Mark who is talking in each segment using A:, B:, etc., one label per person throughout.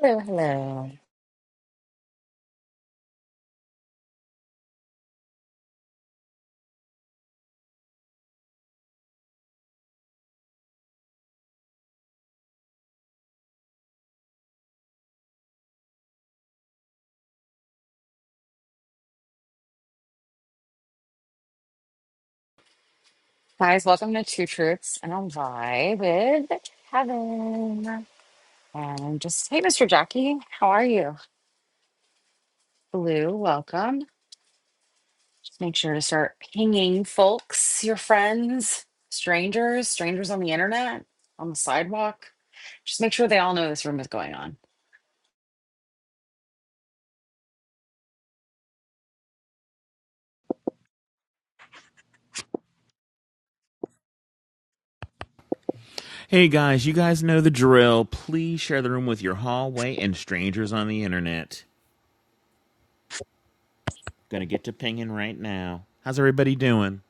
A: Hello, hello. Guys, welcome to Two Truths and a Lie with Kevin. And just, hey, Mr. Jackie, how are you? Blue, welcome. Just make sure to start pinging folks, your friends, strangers, strangers on the internet, on the sidewalk. Just make sure they all know this room is going on.
B: Hey guys, you guys know the drill. Please share the room with your hallway and strangers on the internet. Gonna get to pinging right now. How's everybody doing?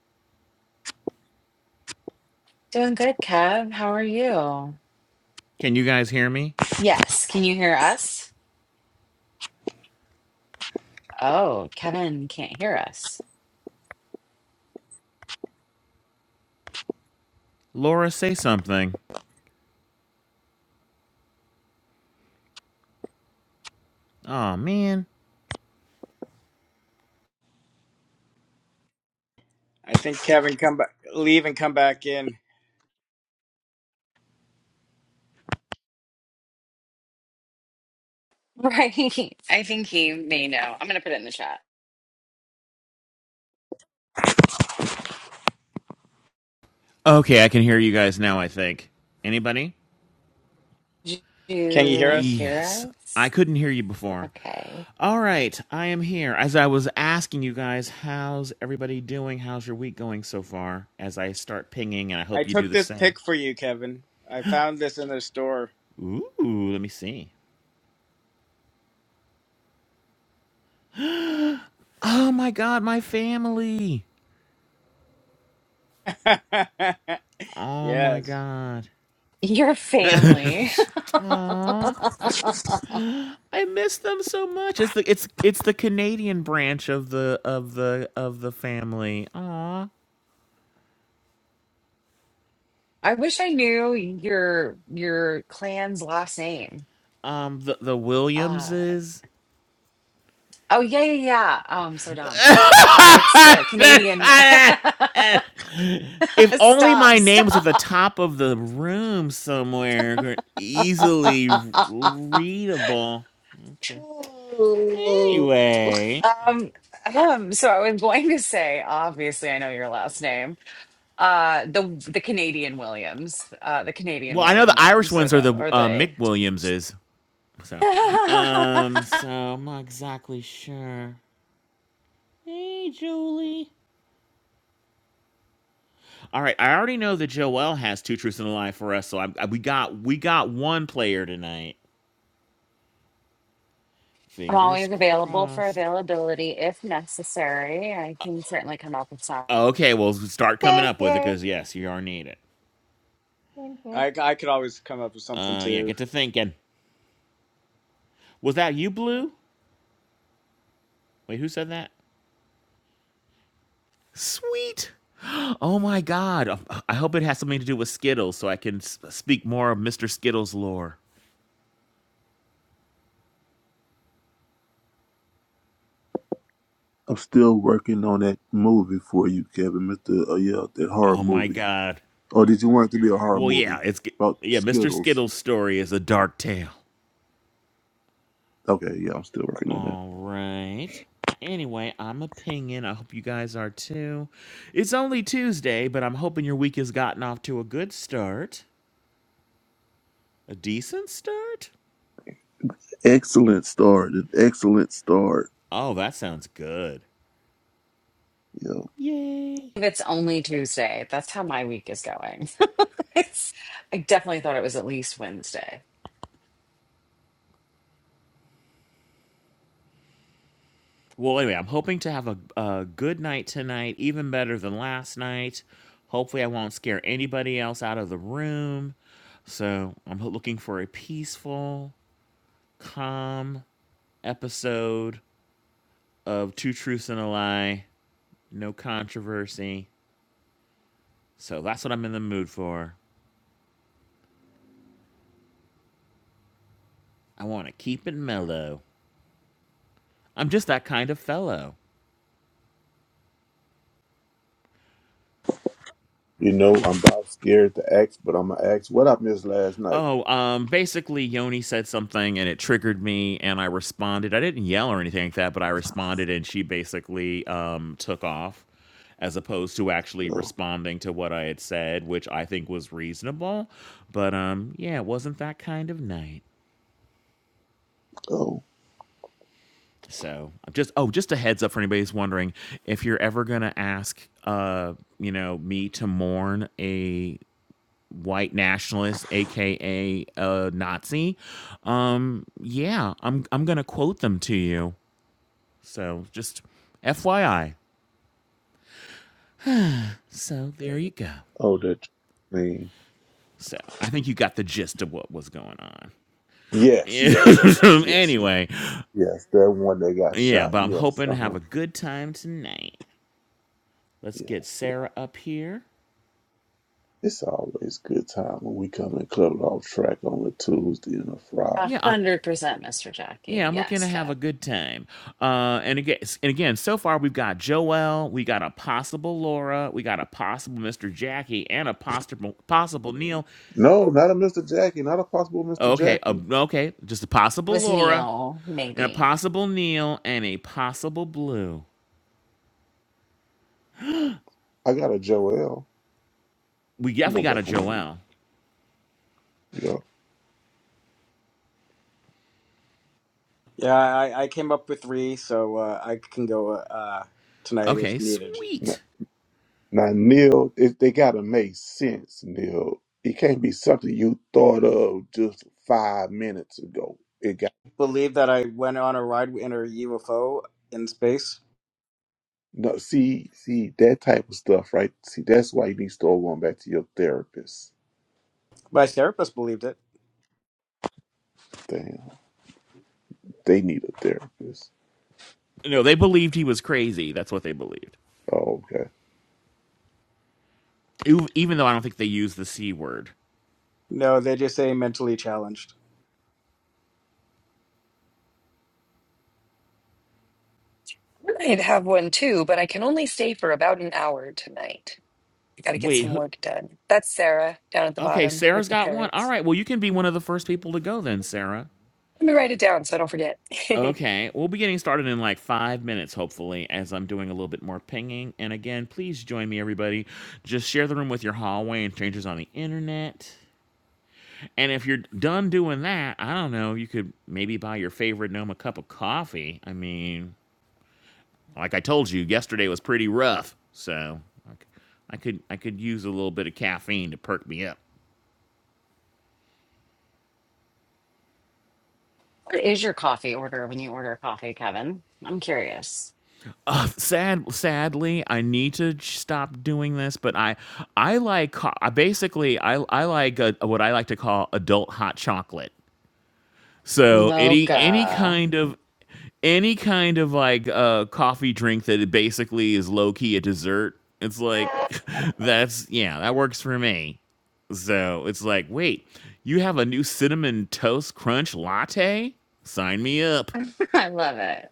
A: Doing good, Kev. How are you?
B: Can you guys hear me?
A: Yes. Can you hear us? Oh, Kevin can't hear us.
B: Laura, say something. Aw, man.
C: I think Kevin come back, leave and come back in.
A: Right. I think he may know. I'm going to put it in the chat.
B: Okay, I can hear you guys now, I think. Anybody?
A: Do
C: Can you hear
A: you
C: us?
B: Yes.
A: hear
B: I
A: us?
B: couldn't hear you before.
A: Okay.
B: All right, I am here. As I was asking you guys, how's everybody doing? How's your week going so far? As I start pinging, and I
C: I
B: hope you do
C: took
B: the
C: this
B: same.
C: pick for you, Kevin. I found this in the store.
B: Ooh, let me see. Oh my god, my family. Oh my
C: yes,
B: god.
A: Your family.
B: I miss them so much. It's the it's it's the Canadian branch of the of the of the family. Aw.
A: I wish I knew your your clan's last name.
B: Um the the
A: Uh
B: Williamses.
A: oh yeah yeah yeah. Oh, I'm so dumb. Uh it's the Canadian one.
B: if only
A: Stop,
B: my name was at the
A: stop.
B: top of the room somewhere, easily readable. Okay.
A: Ooh.
B: Anyway,
A: Um, um so I was going to say obviously I know your last name. Uh the the Canadian Williams. Uh the Canadian
B: well, I know
A: William
B: the Irish
A: gnomes or
B: ones are
A: the
B: the
A: or
B: uh,
A: the.
B: Mick Williamses. So,
A: I'm
B: um, so I'm not exactly sure. Hey, Julie. All right, I already know that Joel has two truths and a lie for us, so I, I, we got we got one player tonight. Fingers
A: always available for
B: crossed.
A: availability if necessary. I can certainly come up with some.
B: Oh, Okay, well, start coming
D: Same
B: up with it
D: here.
B: because yes, you are needed.
D: Same here.
C: I I could always come up with something
B: Uh, yeah,
C: too.
B: get to thinking. Was that you, Blue? Wait, who said that? Sweet. Oh my God. um, I hope it has something to do with Skittles so I can s- speak more of Mr. Skittles lore.
E: I'm still working on that movie for you, Kevin. Mister, uh, yeah, that horror
B: Oh my
E: movie.
B: God.
E: Oh, did you want it to be a horror
B: Well, yeah,
E: movie
B: it's
E: about
B: yeah. Mr.
E: Skittles?
B: Skittles' story is a dark tale.
E: Okay, yeah, I'm still working on that.
B: All right. Anyway, I'm a pingin'. I hope you guys are too. It's only Tuesday, but I'm hoping your week has gotten off to a good start. A decent start?
E: Excellent start. An excellent start.
B: Oh, that sounds good.
E: Yeah.
B: Yay.
A: If it's only Tuesday, that's how my week is going. It's- I definitely thought it was at least Wednesday.
B: Well, anyway, I'm hoping to have a, a good night tonight, even better than last night. Hopefully, I won't scare anybody else out of the room. So, I'm ho- looking for a peaceful, calm, episode of Two Truths and a Lie, no controversy. So that's what I'm in the mood for. I want to keep it mellow. I'm just that kind of fellow.
E: You know, I'm about scared to ask, but I'm gonna ask what I missed last night.
B: Oh, um, basically, Yoni said something and it triggered me, and I responded. I didn't yell or anything like that, but I responded, and she basically um, took off as opposed to actually
E: Oh,
B: responding to what I had said, which I think was reasonable. But um, yeah, it wasn't that kind of night.
E: oh,
B: So I'm just oh, just a heads up for anybody who's wondering if you're ever gonna ask, uh, you know, me to mourn a white nationalist, aka a Nazi. Um, yeah, I'm I'm gonna quote them to you. So just FYI. So there you go.
E: Oh, that I mean,
B: So I think you got the gist of what was going on.
E: yes, yes, yes, yes, yes,
B: anyway,
E: yes. That one that got
B: yeah,
E: shot.
B: but I'm
E: Yes,
B: hoping
E: uh
B: to have
E: huh.
B: a good time tonight. Let's get
E: Yes, yeah.
B: Sarah up here.
E: It's always good time when we come in club off track on a Tuesday and a Friday.
A: A
B: Yeah, I,
A: hundred percent, Mr.
B: Yeah,
A: Jackie.
B: I'm looking
A: Yes,
B: to have
A: Kev.
B: a good time. Uh, and again, and again, so far we've got Joel, we got a possible Laura, we got a possible Mr. Jackie, and a possible possible Neil.
E: No, not a Mr. Jackie, not a possible Mr.
B: Okay, uh,
E: Jackie.
B: okay, just a
A: It
B: possible
A: was
B: Laura,
A: Neil,
B: and a
A: maybe.
B: possible Neil, and a possible Blue.
E: I got a Joel.
B: We
E: I'm
B: definitely
E: going
B: got
E: back
B: a
E: home. mute.
B: Joel.
E: Yo.
C: Yeah, I, I came up with three, so uh, I can go uh, tonight
B: Okay,
C: if needed.
E: Now,
B: sweet.
E: now Neil, it, they gotta make sense, Neil. It can't be something you thought of just five minutes ago. It got
C: Believe that I went on a ride in a UFO in space.
E: no see, see that type of stuff, right? See, that's why you need to start going back to your therapist.
C: My therapist believed it.
E: Damn, they need a therapist.
B: No, they believed he was crazy. That's what they believed.
E: Oh, okay.
B: Ev- Even though I don't think they used the c word.
C: No, they just say mentally challenged.
F: I'd have one too, but I can only stay for about an hour tonight. I got to get
B: Wait,
F: some
B: who?
F: work done. That's Sarah down at the
B: Okay,
F: bottom with
B: Sarah's
F: the
B: got one. All
F: parrots.
B: right, well you can be one of the first people to go then, Sarah.
F: Let me write it down so I don't forget.
B: Okay, we'll be getting started in like five minutes, hopefully, as I'm doing a little bit more pinging. And again, please join me, everybody. Just share the room with your hallway and strangers on the internet. And if you're done doing that, I don't know, you could maybe buy your favorite gnome a cup of coffee. I mean, like I told you, yesterday was pretty rough, so I c- I could I could use a little bit of caffeine to perk me up.
A: What is your coffee order when you order coffee, Kevin? I'm curious.
B: Uh, sad sadly, I need to ch- stop doing this, but I I like co- I basically I I like uh what I like to call adult hot chocolate. So any any
A: Mocha.
B: kind of any kind of like uh coffee drink that it basically is low key a dessert. It's like that's yeah, that works for me. So it's like, wait, you have a new cinnamon toast crunch latte? Sign me up.
A: I love it.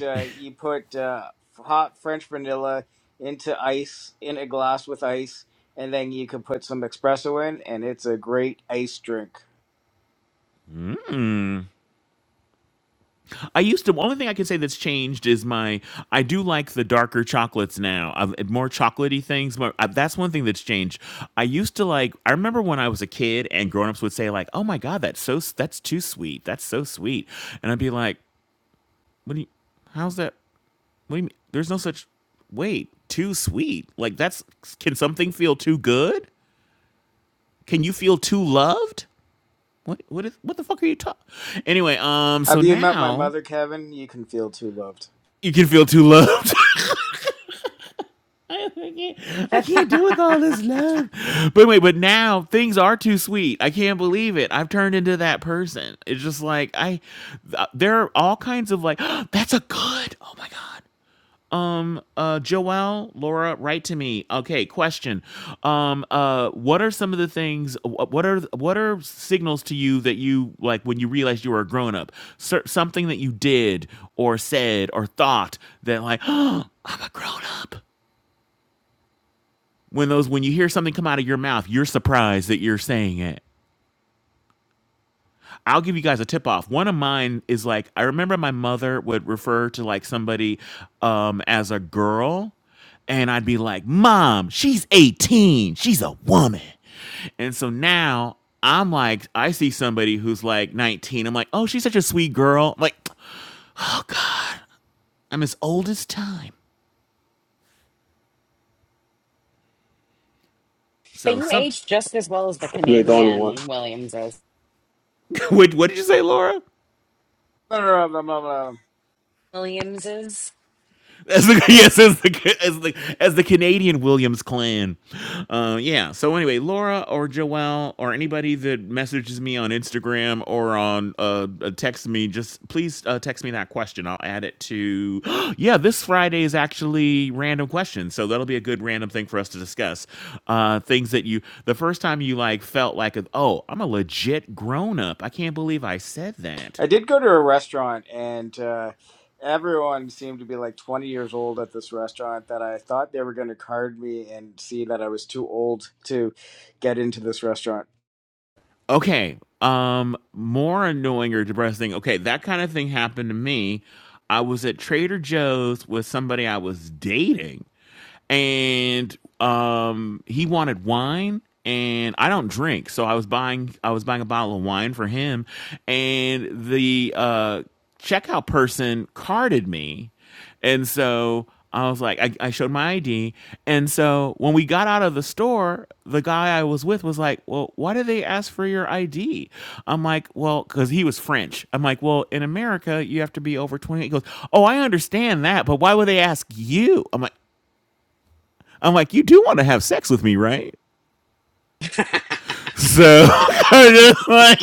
C: uh, you put uh, hot French vanilla into ice in a glass with ice, and then you can put some espresso in, and it's a great ice drink.
B: I used to. Only thing I can say that's changed is my. I do like the darker chocolates now. I've, and more chocolatey things. More, uh, that's one thing that's changed. I used to like. I remember when I was a kid and grown-ups would say like, "Oh my god, that's so. s- That's too sweet. That's so sweet." And I'd be like, "What do you? How's that? What do you mean? There's no such. Wait, too sweet. Like that's. Can something feel too good? Can you feel too loved? What? What is? What the fuck are you talking? Anyway, um. So
C: Have you met my
B: now
C: mother, Kevin? You can feel too loved.
B: you can feel too loved. I can't, I can't deal with all this love. But wait, but now things are too sweet. I can't believe it. I've turned into that person. It's just like I th- there are all kinds of like that's a good. Oh my god. Um uh Joelle, Laura, write to me. Okay, question. Um uh what are some of the things wh- what are what are signals to you that you like when you realized you were a grown up? Cer- something that you did or said or thought that like I'm a grown up when those when you hear something come out of your mouth, you're surprised that you're saying it. I'll give you guys a tip off. One of mine is like I remember my mother would refer to like somebody um as a girl and I'd be like, "Mom, she's 18. She's a woman." And so now I'm like I see somebody who's like 19. I'm like, "Oh, she's such a sweet girl." I'm like, "Oh god, I'm as old as time."
A: But
B: So
A: you
B: some
A: age just as well as the
E: You ain't the only one.
A: Canadian Williamses.
B: what what did you say, Laura?
C: Blah, blah, blah, blah, blah.
A: Williamses.
B: as the yes as the as the as the Canadian Williams clan. Uh, yeah. So anyway, Laura or Joelle or anybody that messages me on Instagram or on uh, uh text me, just please uh, text me that question. I'll add it to. yeah, this Friday is actually random questions, so that'll be a good random thing for us to discuss. Uh, things that you the first time you like felt like, oh, I'm a legit grown up. I can't believe I said that.
C: I did go to a restaurant, and uh, everyone seemed to be like 20 years old at this restaurant. That I thought they were going to card me and see that I was too old to get into this restaurant.
B: Okay. Um, more annoying or depressing. Okay, that kind of thing happened to me. I was at Trader Joe's with somebody I was dating and um, he wanted wine and I don't drink, so I was buying I was buying a bottle of wine for him, and the uh, checkout person carded me, and so I was like, I, I showed my ID, and so when we got out of the store, the guy I was with was like, Well, why did they ask for your ID? I'm like, Well, because he was French. I'm like, Well, in America, you have to be over 20. He goes, Oh, I understand that, but why would they ask you? I'm like, I'm like, you do want to have sex with me, right? So I just like,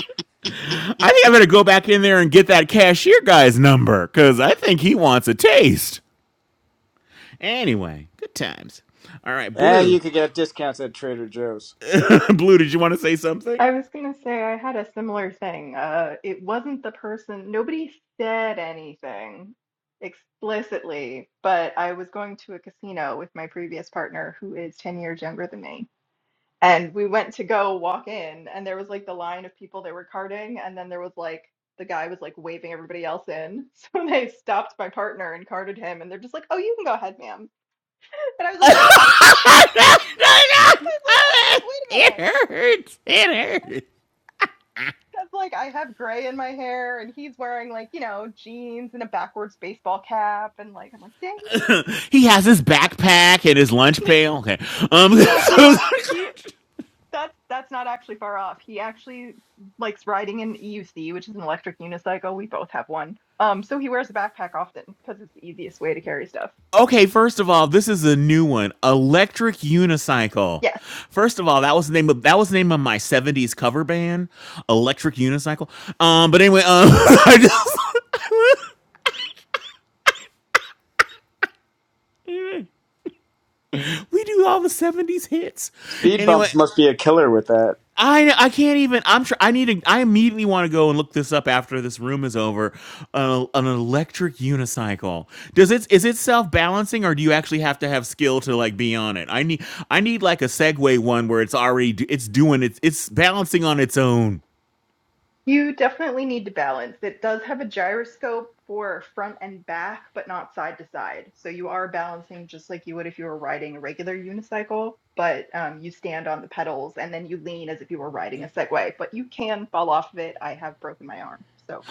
B: I think I better go back in there and get that cashier guy's number because I think he wants a taste. Anyway, good times. All right,
C: And you
B: Blue.
C: could get discounts at Trader Joe's.
B: Blue, did you want to say something?
D: I was gonna say I had a similar thing. Uh, it wasn't the person, nobody said anything explicitly, but I was going to a casino with my previous partner who is 10 years younger than me. And we went to go walk in, and there was like the line of people that were carding, and then there was like the guy was like waving everybody else in. So they stopped my partner and carded him, and they're just like, "Oh, you can go ahead, ma'am." And I was
B: no,
D: like, "Wait, what?"
B: no, no.
D: I was like, oh, "Wait a
B: It
D: minute."
B: hurts. It hurts.
D: Because like I have gray in my hair and he's wearing like, you know, jeans and a backwards baseball cap and like I'm like, dang
B: He has his
D: it. Yeah.
B: backpack and his lunch pail. Okay. Um,
D: No, he lo- he that's that's not actually far off. He actually likes riding an EUC, which is an electric unicycle. We both have one. Um, so he wears a backpack often because it's the easiest way to carry stuff.
B: Okay, first of all, this is a new one. Electric Unicycle.
D: Yes.
B: First of all, that was the name of that was the name of my 70s cover band, Electric Unicycle. Um, but anyway, um I just we do all the 70s hits.
C: Speed
B: Anyway,
C: bumps must be a killer with that.
B: I I can't even. I'm sure I need to. I immediately want to go and look this up after this room is over. An, an electric unicycle. Does it is it self balancing or do you actually have to have skill to like be on it? I need I need like a Segway one where it's already do- it's doing it's it's balancing on its own.
D: You definitely need to balance. It does have a gyroscope for front and back, but not side to side. So you are balancing just like you would if you were riding a regular unicycle, but um, you stand on the pedals and then you lean as if you were riding a Segway, but you can fall off of it. I have broken my arm. So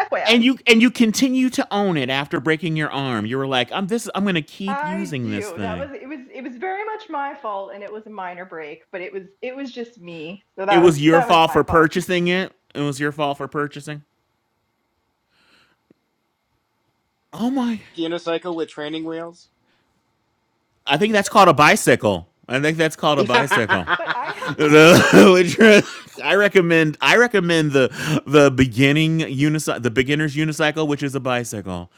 D: FYI. I
B: And you and you continue to own it after breaking your arm. You were like, I'm this. I'm gonna keep
D: I
B: using this
D: do. That was
B: thing.
D: it was it was very much my fault and it was a minor break, but it was it was just me. So
B: It
D: that was
B: was your
D: that was
B: fault
D: my
B: for
D: fault.
B: purchasing it. It was your fault for purchasing. Oh my.
C: Unicycle with training wheels?
B: I think that's called a bicycle. I think that's called a bicycle.
D: But I have
A: I
D: made
B: which I recommend. I recommend the the beginning unicycle, the beginner's unicycle, which is a bicycle.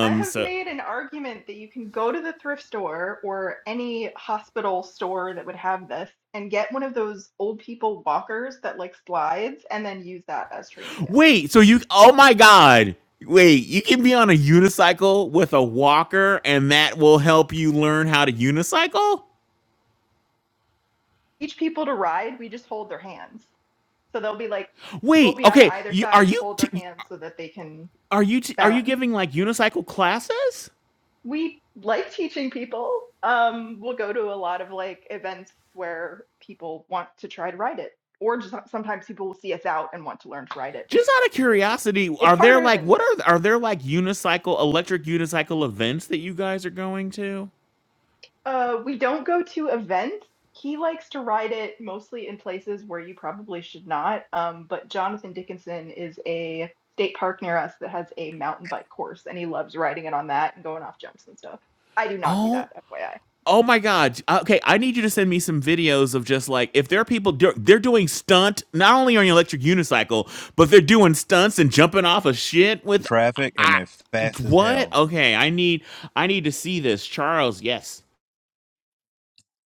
D: I have
B: So
D: made an argument that you can go to the thrift store or any hospital store that would have this and get one of those old people walkers that like slides and then use that as training wheels.
B: wait. So you? Oh my God. Wait. You can be on a unicycle with a walker, and that will help you learn how to unicycle.
D: Teach people to ride, we just hold their hands. So they'll be like, we'll
B: Wait.
D: be on
B: Okay.
D: either
B: You are
D: side and
B: you
D: hold their
B: t-
D: hands so that they can
B: are you t- are you
D: balance.
B: giving like unicycle classes?
D: We like teaching people. Um, we'll go to a lot of like events where people want to try to ride it, or just sometimes people will see us out and want to learn to ride it.
B: Just out of curiosity,
D: It's
B: are there
D: harder
B: like
D: than you
B: what
D: think.
B: are are there like unicycle electric unicycle events that you guys are going to?
D: Uh, we don't go to events. He likes to ride it mostly in places where you probably should not. Um, but Jonathan Dickinson is a state park near us that has a mountain bike course, and he loves riding it on that and going off jumps and stuff. I do not do that,
B: Oh,
D: FYI.
B: oh my God! Uh, Okay, I need you to send me some videos of just like if there are people do, they're doing stunt not only on your electric unicycle, but they're doing stunts and jumping off of shit with
G: traffic and
B: I
G: they're fast as
B: what?
G: hell
B: Okay, I need I need to see this, Charles. Yes.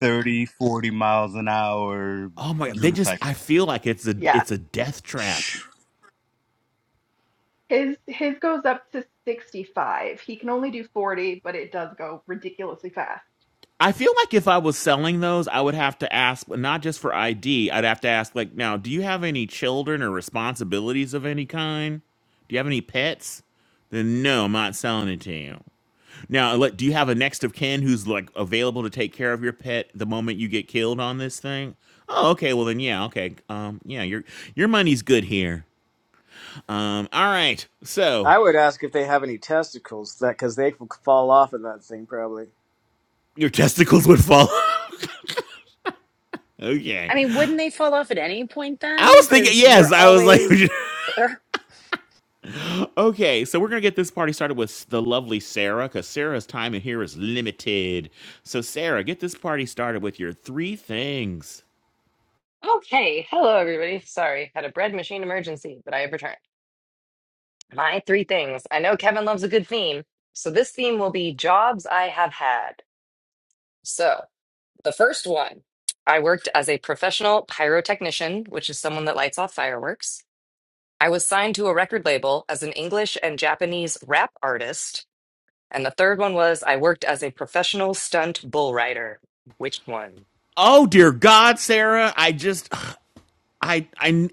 G: 30, 40 miles an hour
B: Oh my! They just
G: unicycle
B: I feel like it's a
D: Yeah.
B: it's a death trap.
D: His his goes up to 65. He can only do 40, but it does go ridiculously fast.
B: I feel like if I was selling those, I would have to ask not just for ID. I'd have to ask like, now, do you have any children or responsibilities of any kind? Do you have any pets? Then no, I'm not selling it to you. Now, like, do you have a next of kin who's like available to take care of your pet the moment you get killed on this thing? Oh, okay. Well, then yeah, okay. Um, yeah, your your money's good here. Um, all right. So
C: I would ask if they have any testicles, that because they could fall off of that thing probably.
B: your testicles would fall. okay.
A: mean, wouldn't they fall off at any point
B: I
A: then?
B: was thinking,
A: Because we're
B: yes, I was like,
A: always. Ugh.
B: Okay, so we're gonna get this party started with the lovely Sarah, because Sarah's time in here is limited. So, Sarah, get this party started with your three things.
F: Okay, hello everybody. Sorry, had a bread machine emergency, but I have returned. My three things. I know Kevin loves a good theme, so this theme will be jobs I have had. So, the first one, I worked as a professional pyrotechnician, which is someone that lights off fireworks. I was signed to a record label as an English and Japanese rap artist. And the third one was I worked as a professional stunt bull rider. Which one?
B: Oh dear God, Sarah, I just, I, I,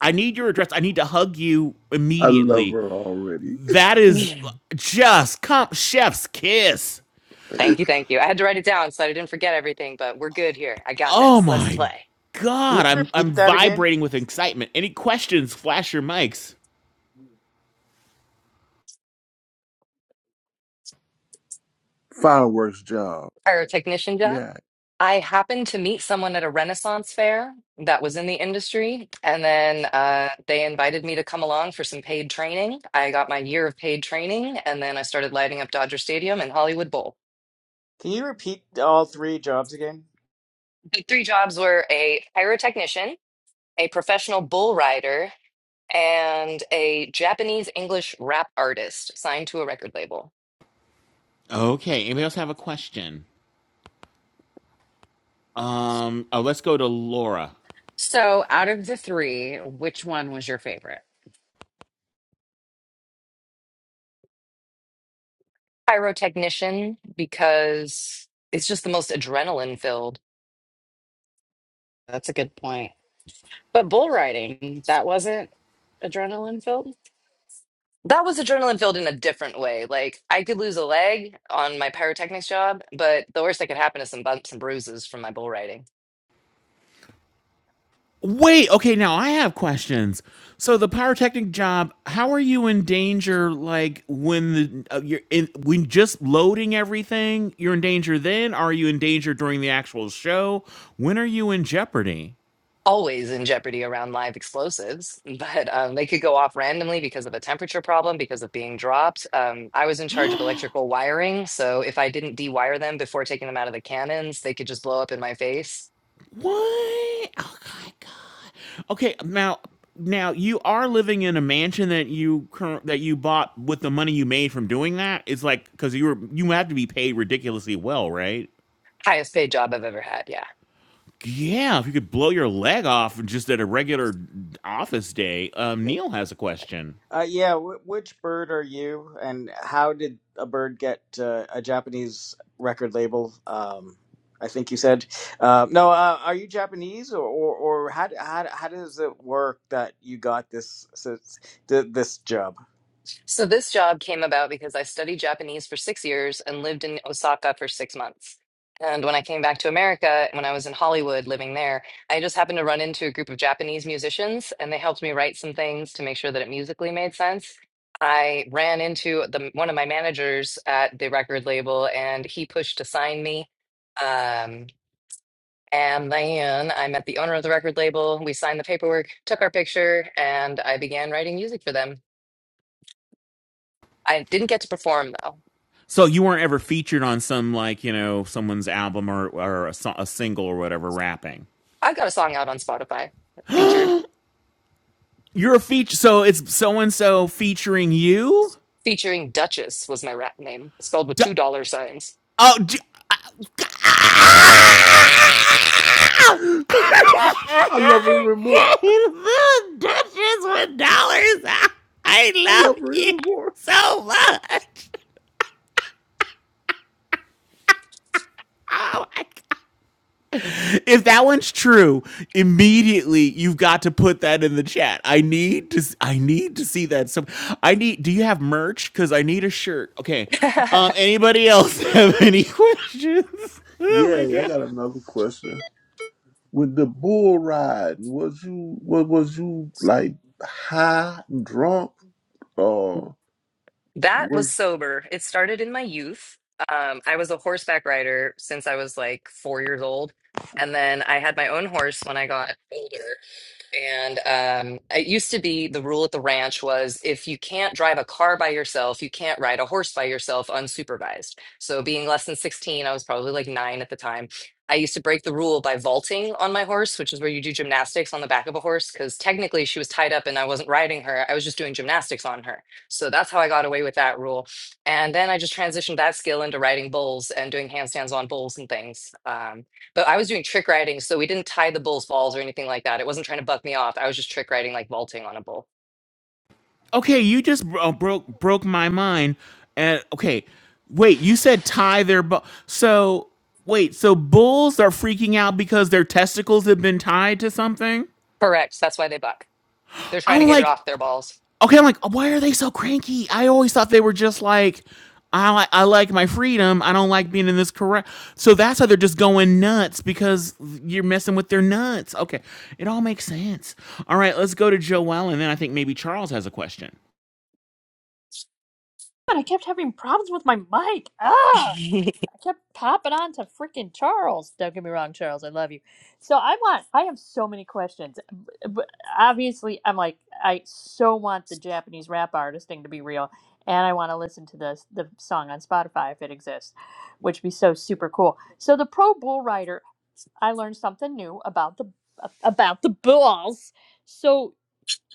B: I need your address. I need to hug you
E: I love
B: immediately.
E: her already.
B: That is
F: Yeah.
B: just comp chef's kiss.
F: thank you, thank you. I had to write it down so I didn't forget everything, but we're good here. I got
B: Oh
F: this. Let's
B: my
F: play.
C: Can you
B: God, I'm, I'm
C: repeat that again?
B: vibrating with excitement. Any questions? Flash your mics.
E: Fireworks job.
F: Pyrotechnician job.
E: Yeah.
F: I happened to meet someone at a Renaissance fair that was in the industry, and then uh, they invited me to come along for some paid training. I got my year of paid training, and then I started lighting up Dodger Stadium and Hollywood Bowl.
C: Can you repeat all three jobs again?
F: The three jobs were a pyrotechnician, a professional bull rider, and a Japanese English rap artist signed to a record label.
B: Okay, anybody else have a question? Um, oh, let's go to Laura.
A: So, out of the three, which one was your favorite?
F: Pyrotechnician because it's just the most adrenaline filled.
A: That's a good point. But bull riding, that wasn't adrenaline filled.
F: That was adrenaline filled in a different way. Like I could lose a leg on my pyrotechnics job, but the worst that could happen is some bumps and bruises from my bull riding.
B: Wait, okay, now I have questions. So the pyrotechnic job, how are you in danger like when the uh, you're in when just loading everything, you're in danger then? Are you in danger during the actual show? When are you in jeopardy?
F: always in jeopardy around live explosives, but um, they could go off randomly because of a temperature problem, because of being dropped. Um, I was in charge of electrical wiring, so if I didn't dewire them before taking them out of the cannons, they could just blow up in my face.
B: What? Oh my god. Okay, now now you are living in a mansion that you current that you bought with the money you made from doing that. It's like cuz you were you have to be paid ridiculously well, right?
F: Highest paid job I've ever had. Yeah.
B: Yeah, if you could blow your leg off just at a regular office day. Um, Neil has a question.
C: Uh, yeah, wh- which bird are you, and how did a bird get uh, a Japanese record label? Um, I think you said. Uh, no, uh, are you Japanese, or, or, or how, d- how d- how does it work that you got this this, th- this job?
F: So this job came about because I studied Japanese for six years and lived in Osaka for six months. And when I came back to America, when I was in Hollywood living there, I just happened to run into a group of Japanese musicians and they helped me write some things to make sure that it musically made sense. I ran into the one of my managers at the record label and he pushed to sign me. Um, and then I met the owner of the record label. We signed the paperwork, took our picture, and I began writing music for them. I didn't get to perform though.
B: So you weren't ever featured on some like you know someone's album or or a, so- a single or whatever rapping.
F: I've got a song out on Spotify featured
B: You're a feature, so it's so and so featuring you.
F: featuring Duchess was my rap name, spelled with
B: D-
F: two dollar signs.
B: oh, d- Bitches
E: I love her even more.
B: with dollars. I
E: I
B: love
E: love her
B: you
E: even more.
B: so much. Oh my If that one's true, immediately you've got to put that in the chat. I need to. I need to see that. So I need. Do you have merch? Because I need a shirt. Okay. Um.
F: that
B: Anybody else have any questions? Oh my
E: Yeah, I
B: god.
E: got another question. With the bull riding, was you was, was you like high, drunk, or
F: was
E: was
F: sober. It started in my youth. Um, I was a horseback rider since I was like four years old. And then I had my own horse when I got older. And um, it used to be the rule at the ranch was if you can't drive a car by yourself, you can't ride a horse by yourself unsupervised. So, being less than 16, I was probably like nine at the time. I used to break the rule by vaulting on my horse, which is where you do gymnastics on the back of a horse, because technically she was tied up and I wasn't riding her. I was just doing gymnastics on her. So that's how I got away with that rule. And then I just transitioned that skill into riding bulls and doing handstands on bulls and things. Um, but I was doing trick riding, so we didn't tie the bull's balls or anything like that. It wasn't trying to buck me off. I was just trick riding, like vaulting on a bull.
B: Okay, you just bro- uh, broke broke my mind. And okay, wait, you said tie their bu- so wait, so bulls are freaking out because their testicles have been tied to something?
F: Correct. That's why they buck. They're trying to
B: I'm
F: get it
B: like,
F: off their balls.
B: okay, I'm like, why are they so cranky? I always thought they were just like, I like I like my freedom. I don't like being in this correct. So that's why they're just going nuts because you're messing with their nuts. Okay, it all makes sense. All right, let's go to Joelle, and then I think maybe Charles has a question.
H: God, I kept having problems with my mic. Ah, I kept popping on to freaking Charles. Don't get me wrong, Charles, I love you. So I want, I have so many questions. B- b- Obviously, I'm like, I so want the Japanese rap artist thing to be real, and I want to listen to the the song on Spotify if it exists, which would be so super cool. So the Pro Bull Rider, I learned something new about the about the bulls. So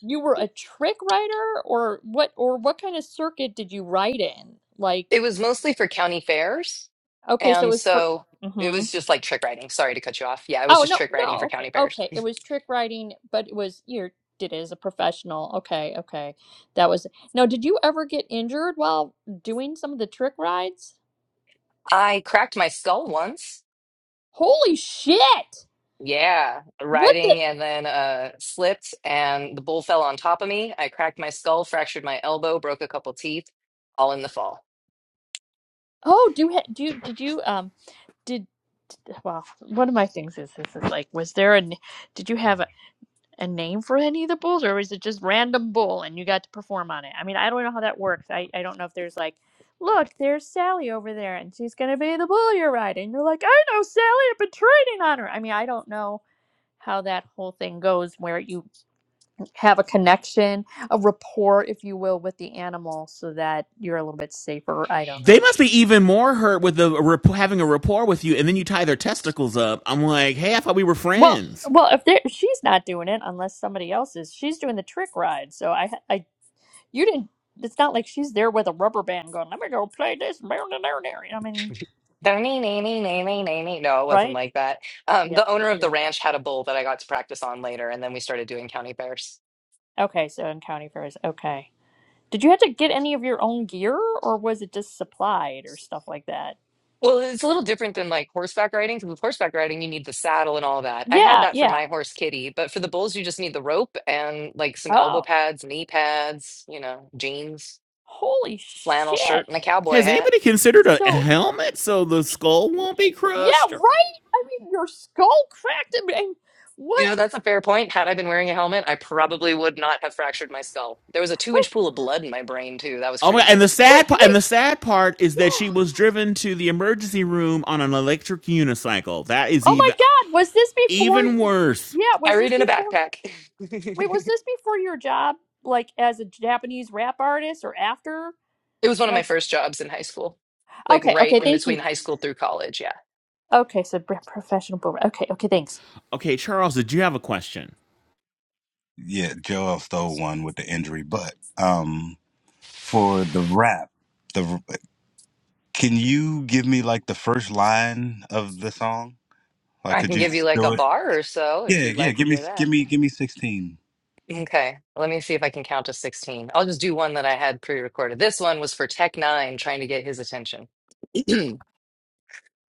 H: you were a trick rider, or what or what kind of circuit did you ride in like
F: It was mostly for county fairs.
H: okay so it
F: And
H: was for
F: so it
H: hmm
F: was just like trick riding. Sorry to cut you off. Yeah, it was
H: oh
F: just
H: no
F: trick riding
H: no
F: for
H: okay
F: county fairs.
H: okay it was trick riding, but it was you did it as a professional okay okay that was now did you ever get injured while doing some of the trick rides
F: I cracked my skull once.
H: holy shit
F: Yeah,
H: what the
F: riding and then uh, slipped, and the bull fell on top of me. I cracked my skull, fractured my elbow, broke a couple teeth, all in the fall.
H: oh do you ha- do you did you um did well one of my things is this is like was there an did you have a a name for any of the bulls, or is it just random bull and you got to perform on it? I mean, I don't know how that works. I, I don't know if there's like, look, there's Sally over there, and she's gonna be the bull you're riding. You're like, I know Sally, I've been training on her. I mean, I don't know how that whole thing goes where you have a connection, a rapport, if you will, with the animal so that you're a little bit safer. I don't know.
B: They must be even more hurt with the rap- having a rapport with you, and then you tie their testicles up. I'm like, hey, I thought we were
H: Well,
B: friends.
H: well, if there, she's not doing it unless somebody else is. She's doing the trick ride, so I, I You didn't. It's not like she's there with a rubber band going. Let me go play this. meow, meow, meow, meow." I mean,
F: "Da-nee-nee-nee-nee-nee-nee-nee." No, it wasn't
H: right?
F: like that. Um,
H: Yep.
F: the owner
H: Yep.
F: of the
H: Yeah.
F: ranch had a bull that I got to practice on later, and then we started doing county fairs.
H: Okay. So in county fairs. Okay. Did you have to get any of your own gear, or was it just supplied or stuff like that?
F: Well, it's a little different than like horseback riding because with horseback riding, you need the saddle and all that. I had
H: Yeah.
F: that for
H: Yeah.
F: my horse Kitty, but for the bulls, you just need the rope and like some elbow
H: Oh.
F: pads, knee pads, you know, jeans,
H: Holy
F: flannel shirt,
H: shit.
F: and a cowboy
B: Has
F: hat.
B: anybody considered a
H: So
B: helmet so the skull won't be
H: yeah.
B: crushed? Or-
H: Right. I mean, your skull cracked. I mean,
F: You
H: what?
F: know, that's a fair point. Had I been wearing a helmet, I probably would not have fractured my skull. There was a two
H: Wait.
F: inch pool of blood in my brain, too. That was
B: Oh my! And
F: crazy.
B: the
H: Wait.
B: sad pa- and
H: Wait.
B: the sad part is that she
H: Yeah.
B: was driven to the emergency room on an electric unicycle. That is
H: Oh my
B: even
H: God. Was this before?
B: even worse.
H: Yeah.
F: I
H: Was
F: read
H: this
F: in a
H: before?
F: backpack.
H: Wait, was
F: it
H: this before your job, like as a Japanese rap artist, or after?
F: was one of my
H: Like,
F: first jobs in high school, like
H: okay,
F: right
H: okay,
F: in
H: thank
F: between
H: you.
F: high school through college. Yeah.
H: Okay, so br- professional boomer. Okay, okay, thanks.
B: Okay, Charles, did you have a question?
G: yeah joel stole one with the injury but um for the rap the can you give me like the first line of the song like
F: I
G: could
F: can
G: you
F: give you like a
G: do it
F: bar or so if
G: yeah
F: you'd
G: yeah
F: like to
G: give me
F: hear
G: give
F: that.
G: me give me 16
F: Okay. Let me see if I can count to 16. I'll just do one that I had pre recorded. This one was for Tech Nine trying to get his attention.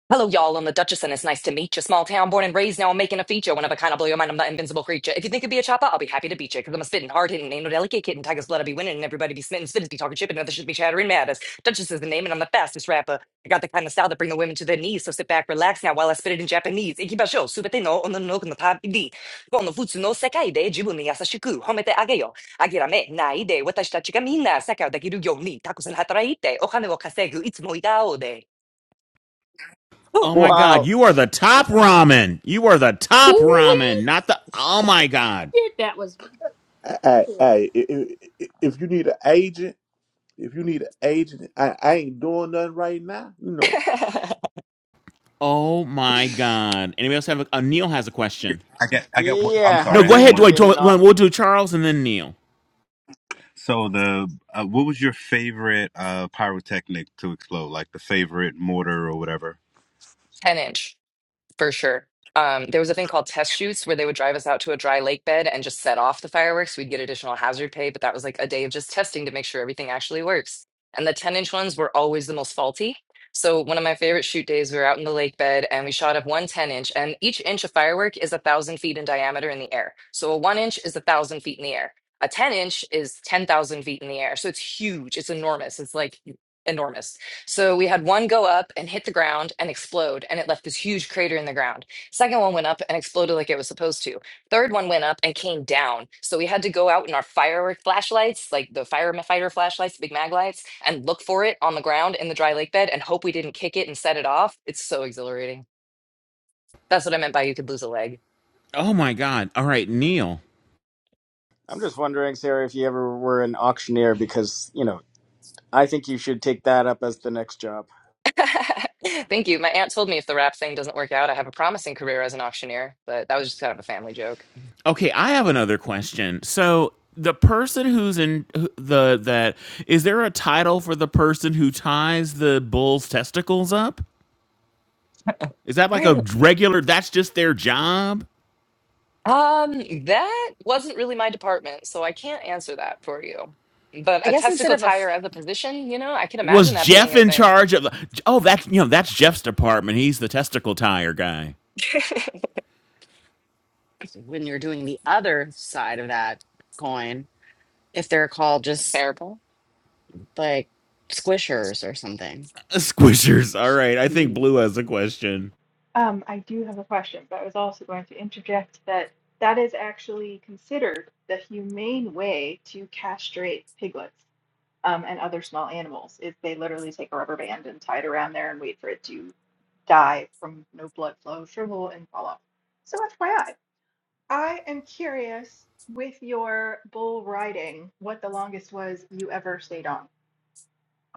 F: Hello, y'all. I'm the Duchess, and it's nice to meet you. Small town, born and raised. Now I'm making a feature. One of a kind, i blow your mind. I'm that invincible creature. If you think you'd be a chopper, I'll be happy to beat you. Cause I'm a spitting, hard hitting, ain't no delicate kitten. Tiger's blood, I be winning, and everybody be smitten. Spitters be talking shit, and others should be chattering matters. Duchess is the name, and I'm the fastest rapper. I got the kind of style that bring the women to their knees. So sit back, relax now while I spit it in Japanese. Ikibasho, subete no ono no no tabidi. Go no futsu no sekai de jibu ni yasashiku homete ageyo. Agirame nai de watashi tachi ga minna sekai o dekiru yo u ni takusen hataraite. O kane wo kasegu itsumo itao de. Whew.
B: Oh my God!
C: Wow.
B: You are the top ramen. You are the top ramen,
H: Holy
B: not the. Oh my
H: shit,
B: God!
H: that was.
E: I, I,
H: cool.
E: I i- if you need an agent, if you need an agent, I, I ain't doing nothing right now, you know.
B: Oh my God! Anybody else have a? Uh, Neil has a question.
G: i got i got one- i'm
C: Yeah. Have
B: No,
G: sorry i
B: go
C: you
G: had
B: ahead.
G: one
C: ever
B: Wait,
G: quick
C: been in?
B: wait,
C: au-
B: we'll do Charles and then Neil.
G: so the uh, what was your favorite uh pyrotechnic to explode like the favorite mortar or whatever
F: 10 inch for sure. Um, there was a thing called test shoots where they would drive us out to a dry lake bed and just set off the fireworks. We'd get additional hazard pay, but that was like a day of just testing to make sure everything actually works. And the 10 inch ones were always the most faulty. So one of my favorite shoot days, we were out in the lake bed and we shot up one 10 inch, and each inch of firework is a thousand feet in diameter in the air. So a one inch is a thousand feet in the air. A 10 inch is 10,000 feet in the air. So it's huge. It's enormous. It's like enormous so we had one go up and hit the ground and explode, and it left this huge crater in the ground. Second one went up and exploded like it was supposed to. Third one went up and came down. So we had to go out in our firework flashlights, like the firefighter flashlights, big mag lights, and look for it on the ground in the dry lake bed and hope we didn't kick it and set it off. It's so exhilarating. That's what I meant by you could lose a leg.
B: Oh my God! All right, Neil.
C: I'm just wondering, Sarah, if you ever were an auctioneer, because, you know, I think you should take that up as the next job.
F: Thank you. My aunt told me if the rap thing doesn't work out, I have a promising career as an auctioneer, but that was just kind of a family joke.
B: Okay, I have another question. So the person who's in the that is there a title for the person who ties the bull's testicles up? Is that like a regular? That's just their job.
F: Um, that wasn't really my department, so I can't answer that for you. But
A: I
F: a
A: guess instead
F: testicle
A: of a, f-
F: tire as a position, you know, I can
B: Was
F: imagine that being
B: Jeff
F: a
B: in
F: thing.
B: charge of? Oh, that's you know that's Jeff's department. He's the testicle tire guy.
A: when you're doing the other side of that coin, if they're called just
F: Terrible.
A: like squishers or something.
B: Squishers. All right, I think
A: Mm.
B: Blue has a question.
D: Um, I do have a question, but I was also going to interject that that is actually considered the humane way to castrate piglets um, and other small animals. Is they literally take a rubber band and tie it around there and wait for it to die from no blood flow, shrivel, and fall off. So FYI, I I am curious with your bull riding what the longest was you ever stayed on.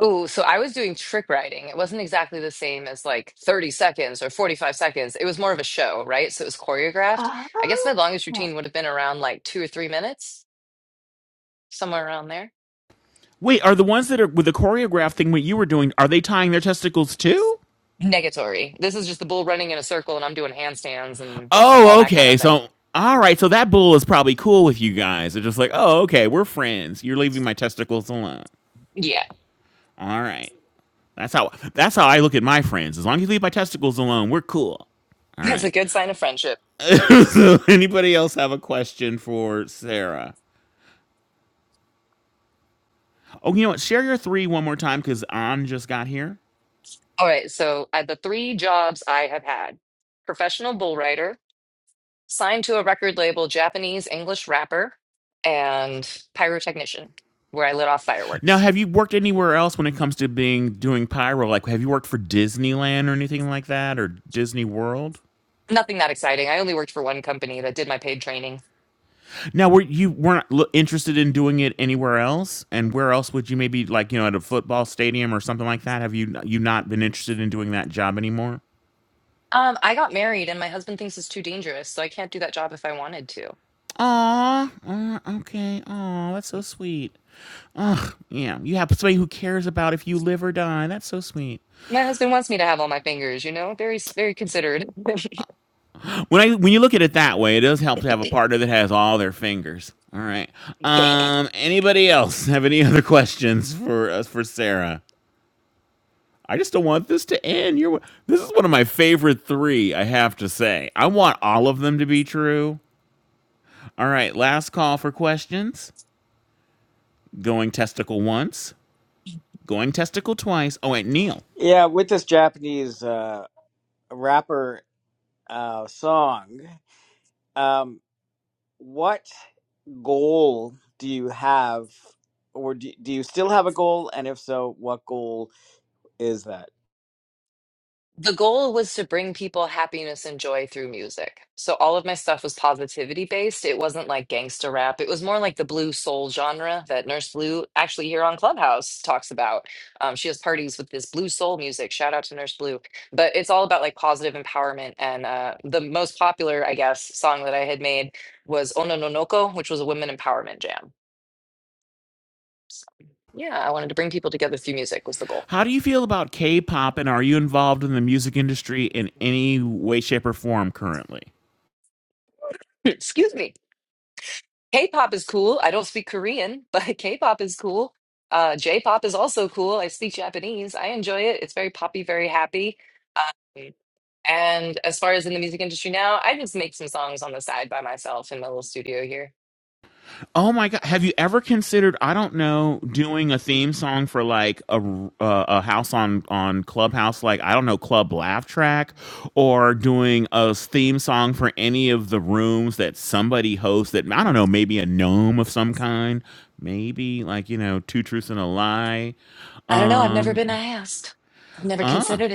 F: Ooh, so I was doing trick riding. It wasn't exactly the same as like 30 seconds or 45 seconds. It was more of a show, right? So it was choreographed. I guess my longest
D: Ah,
F: routine would have been around like two or three minutes, somewhere around there.
B: Wait, are the ones that are with the choreograph thing? What you were doing? Are they tying their testicles too?
F: Negatory. This is just the bull running in a circle and I'm doing handstands and all
B: Oh,
F: that kind
B: okay.
F: of thing.
B: So, all right. So that bull is probably cool with you guys. They're just like, oh, okay, we're friends. You're leaving my testicles alone.
F: Yeah,
B: All right. That's how. That's how I look at my friends. As long as you leave my testicles alone, we're cool. All
F: that's
B: right.
F: a good sign of friendship.
B: so, anybody else have a question for Sarah? Oh, you know what? Share your three one more time because An just got here.
F: All right, so at the three jobs I have had professional bull rider, signed to a record label Japanese English rapper, and pyrotechnician, where I lit off
B: Now,
F: fireworks.
B: have you worked anywhere else when it comes to being doing pyro? Like, have you worked for Disneyland or anything like that, or Disney World?
F: Nothing that exciting. I only worked for one company that did my paid training.
B: Now, were you weren't l- interested in doing it anywhere else? And where else would you maybe like you know at a football stadium or something like that? Have you you not been interested in doing that job anymore?
F: Um, I got married, and my husband thinks it's too dangerous, so I can't do that job if I wanted to.
B: Aw, aw, okay. Aw, that's so sweet. Yeah, you have somebody who cares about if you live or die. That's so sweet.
F: My husband wants me to have all my fingers, you know, very, very considerate.
B: When I when you look at it that way, it does help to have a partner that has all their fingers. All right. Um. Anybody else have any other questions for us for Sarah? I just don't want this to end. You're this is one of my favorite three, I have to say. I want all of them to be true. All right, last call for questions. Going testicle once, going testicle twice. Oh wait, Neil.
C: Yeah, with this Japanese uh, rapper uh, song, um, what goal do you have, or do, do you still have a goal? And if so, what goal is that?
F: the goal was to bring people happiness and joy through music. So all of my stuff was positivity based. It wasn't like gangster rap. It was more like the blue soul genre that Nurse Blue actually here on Clubhouse talks about. Um, she has parties with this blue soul music. Shout out to Nurse Blue. But it's all about like positive empowerment. And uh, the most popular, I guess, song that I had made was Ono no No Noko, which was a women empowerment jam. So, yeah, I wanted to bring people together through music was the goal.
B: How do you feel about K pop and are you involved in the music industry in any way, shape, or form currently?
F: Excuse me. K-pop is cool. I don't speak Korean, but K-pop is cool. Uh, J-pop is also cool. I speak Japanese. I enjoy it. It's very poppy, very happy. And as far as in the music industry now, I just make some songs on the side by myself in my little studio here.
B: Oh my god! Have you ever considered? I don't know, doing a theme song for like a uh, a house on on Clubhouse, like I don't know, Club Laugh Track, or doing a theme song for any of the rooms that somebody hosts. That I don't know, maybe a gnome of some kind, maybe like you know, two truths and a lie.
F: I don't know. I've never been asked. I've never considered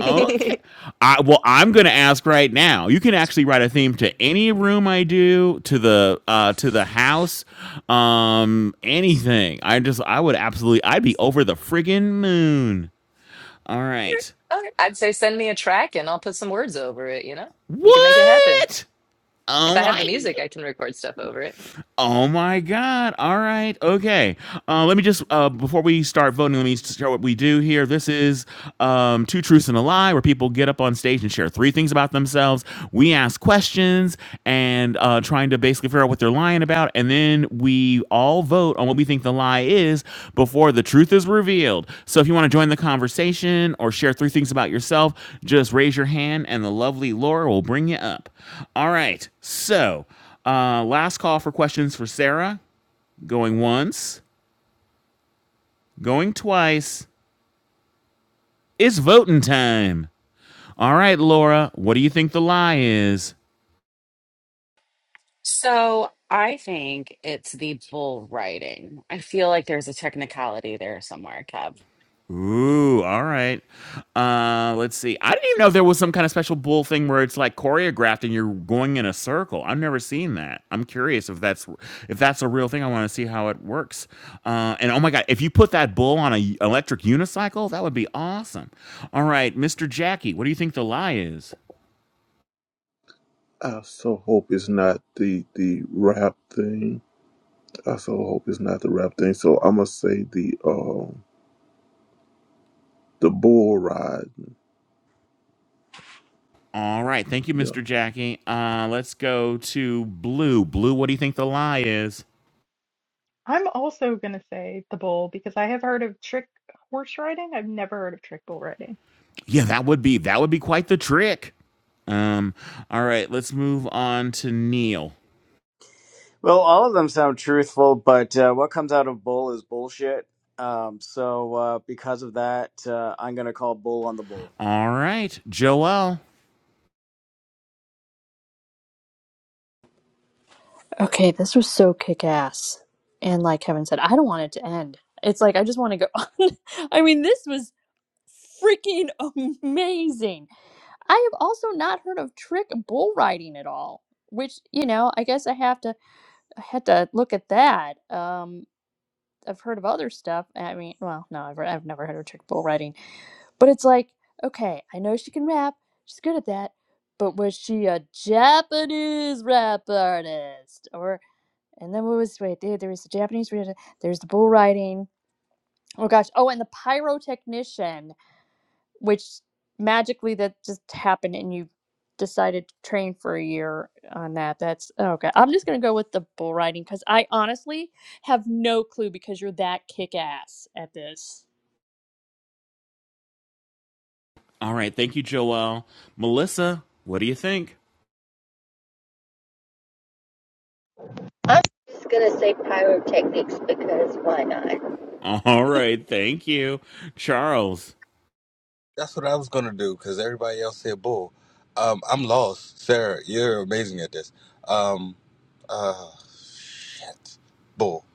B: Okay. I, well, I'm going to ask right now. You can actually write a theme to any room I do, to the uh, to the house, um, anything. I just, I would absolutely, I'd be over the friggin' moon. All right.
F: Okay. I'd say send me a track and I'll put some words over it, you know? We can make it happen.
B: What?
F: If
B: Oh
F: I have the
B: my!
F: music,
B: g-
F: I can record stuff over it.
B: Oh my God. All right. Okay. Uh, let me just, uh, before we start voting, let me share what we do here. This is um, Two Truths and a Lie, where people get up on stage and share three things about themselves. We ask questions and uh, trying to basically figure out what they're lying about. And then we all vote on what we think the lie is before the truth is revealed. So if you want to join the conversation or share three things about yourself, just raise your hand and the lovely Laura will bring you up. All right. So, uh, last call for questions for Sarah. Going once, going twice. It's voting time. All right, Laura, what do you think the lie is?
A: So, I think it's the bull riding. I feel like there's a technicality there somewhere, Kev.
B: Ooh, all right. Uh, let's see. I didn't even know if there was some kind of special bull thing where it's like choreographed and you're going in a circle. I've never seen that. I'm curious if that's if that's a real thing. I want to see how it works. Uh, and oh my god, if you put that bull on a electric unicycle, that would be awesome. All right, Mr. Jackie, what do you think the lie is?
E: I so hope it's not the the rap thing. I so hope it's not the rap thing. So I'm gonna say the um the bull ride.
B: All right. Thank you,
E: Yeah.
B: Mr. Jackie. Uh, let's go to Blue. Blue, what do you think the lie is?
D: I'm also going to say the bull because I have heard of trick horse riding. I've never heard of trick bull riding.
B: Yeah, that would be that would be quite the trick. Um, all right, let's move on to Neil.
C: Well, all of them sound truthful, but uh, what comes out of bull is bullshit. Um, so uh, because of that, uh, I'm going to call bull on the bull.
B: All right, Joel.
H: Okay, this was so kick ass. And like Kevin said, I don't want it to end. It's like, I just want to go on. I mean, this was freaking amazing. I have also not heard of trick bull riding at all, which, you know, I guess I have to, I had to look at that. Um, I've heard of other stuff. I mean, well, no, I've, I've never heard of trick bull riding, but it's like, okay, I know she can rap, she's good at that, but was she a Japanese rap artist? Or and then what was wait? There, there was the Japanese. There's the bull riding. Oh gosh. Oh, and the pyrotechnician which magically that just happened and you decided to train for a year on that that's okay i'm just going to go with the bull riding because i honestly have no clue because you're that kick-ass at this
B: All right, thank you, Joel. Melissa, what do you think?
I: I'm just gonna say pyrotechnics because why not?
B: All right, thank you, Charles.
G: That's what I was gonna do because everybody else said bull. Um, I'm lost, Sarah. You're amazing at this. Um, uh, shit, bull.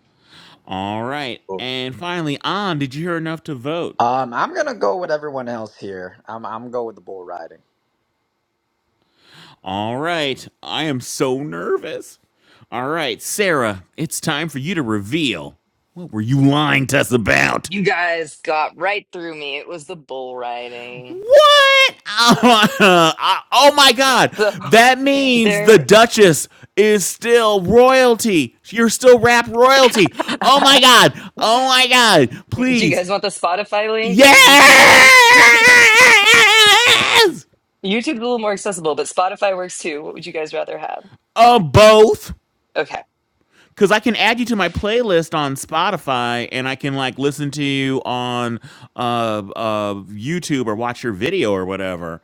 B: All right,
G: bull.
B: and finally, on. Did you hear enough to vote?
J: Um, I'm gonna go with everyone else here. I'm I'm go with the bull riding.
B: All right. I am so nervous. All right, Sarah, it's time for you to reveal. What were you lying to us about?
F: You guys got right through me. It was the bull riding.
B: What? oh my god.
F: So
B: That means the
F: there,
B: Duchess is still royalty. You're still rap royalty. Oh
F: do
B: my god. Oh my god.
F: you
B: Please.
F: guys want the Spotify link or
B: Yes!
F: the YouTube link? YouTube's a little more accessible, but Spotify works too. What would you guys rather have?
B: Uh, both.
F: Okay.
B: Cause I can add you to my playlist on Spotify, and I can like listen to you on uh, uh, YouTube or watch your video or whatever.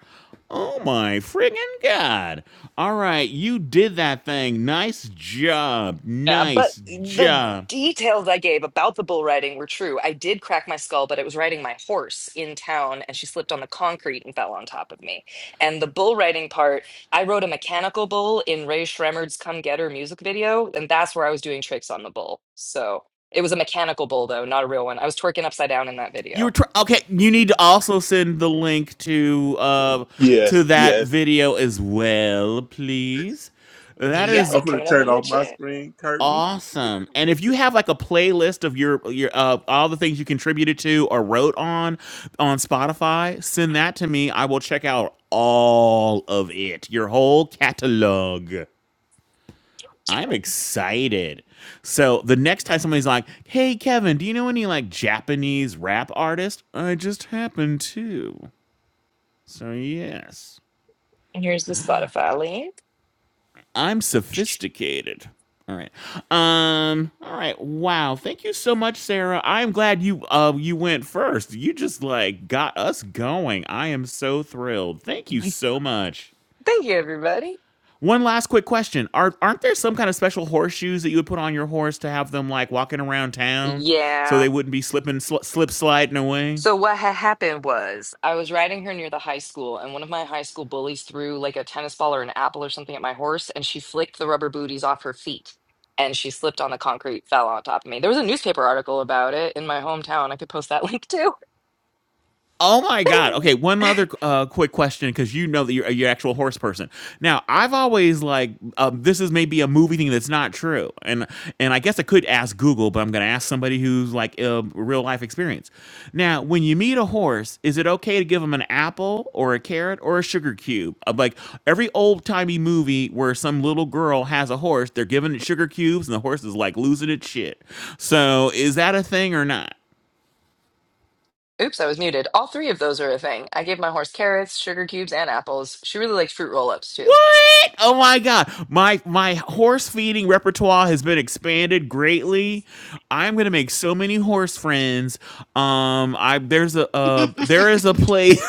B: Oh my friggin' god! All right, you did that thing. Nice job.
F: Yeah, but
B: Nice
F: the
B: job.
F: details I gave about the bull riding were true. I did crack my skull, but it was riding my horse in town and she slipped on the concrete and fell on top of me. And the bull riding part, I rode a mechanical bull in Ray Shremmerd's Come Get Her music video, and that's where I was doing tricks on the bull. So it was a mechanical bull, though, not a real one. I was twerking upside down in that
B: You were
F: video.
B: tr- okay. You need
F: Mm-hmm.
B: to also send the link to uh
E: Yes,
B: to that
E: yes.
B: video as well, please. That
F: You got
B: is
E: I'm
F: it
E: gonna
F: coming up
E: turn
F: in the
E: off my
F: chat.
E: screen curtain.
B: Awesome. And if you have like a playlist of your your uh, all the things you contributed to or wrote on on Spotify, send that to me. I will check out all of it. Your whole catalog. I'm excited. So the next time somebody's like, "Hey Kevin, do you know any like Japanese rap artist?" I just happen to. So yes.
F: And here's the Spotify link.
B: I'm sophisticated. All right. Um. All right. Wow. Thank you so much, Sarah. I'm glad you uh you went first. You just like got us going. I am so thrilled. Thank you so much.
F: Thank you, everybody.
B: One last quick question: Are aren't there some kind of special horseshoes that you would put on your horse to have them like walking around town so
F: Yeah.
B: they wouldn't be slipping sl- slip sliding away?
F: So what had happened was I was riding her near the high school, and one of my high school bullies threw like a tennis ball or an apple or something at my horse, and she flicked the rubber booties off her feet, and she slipped on the concrete, fell on top of me. There was a newspaper article about it in my hometown. I could post that link too.
B: Oh my God. Okay, one other uh, quick question because you know that you're you're an actual horse person. Now, I've always like um, this is maybe a movie thing that's not true, and and I guess I could ask Google, but I'm going to ask somebody who's like a real life experience. Now, when you meet a horse, is it okay to give him an apple or a carrot or a sugar cube? Uh, Like every old timey movie where some little girl has a horse, they're giving it sugar cubes, and the horse is like losing its shit. So, is that a thing or not?
F: Oops, I was muted. All three of those are a thing. I gave my horse carrots, sugar cubes, and apples. She really likes fruit roll-ups too.
B: What? Oh my god. My my horse feeding repertoire has been expanded greatly. I'm going to make so many horse friends. Um I there's a uh there is a place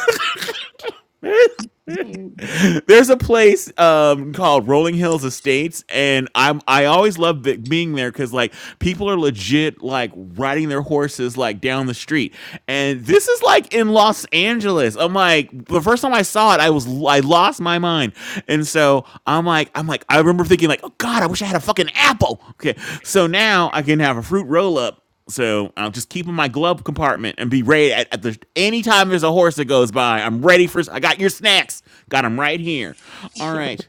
B: There's a place um, called Rolling Hills Estates, and I'm I always love being there because like people are legit like riding their horses like down the street, and this is like in Los Angeles. I'm like the first time I saw it, I was I lost my mind, and so I'm like I'm like I remember thinking like oh god, I wish I had a fucking apple. Okay, so now I can have a fruit roll up so I'll just keep in my glove compartment and be ready at, at the anytime there's a horse that goes by. I'm ready for. I got your snacks. Got them right here. All right,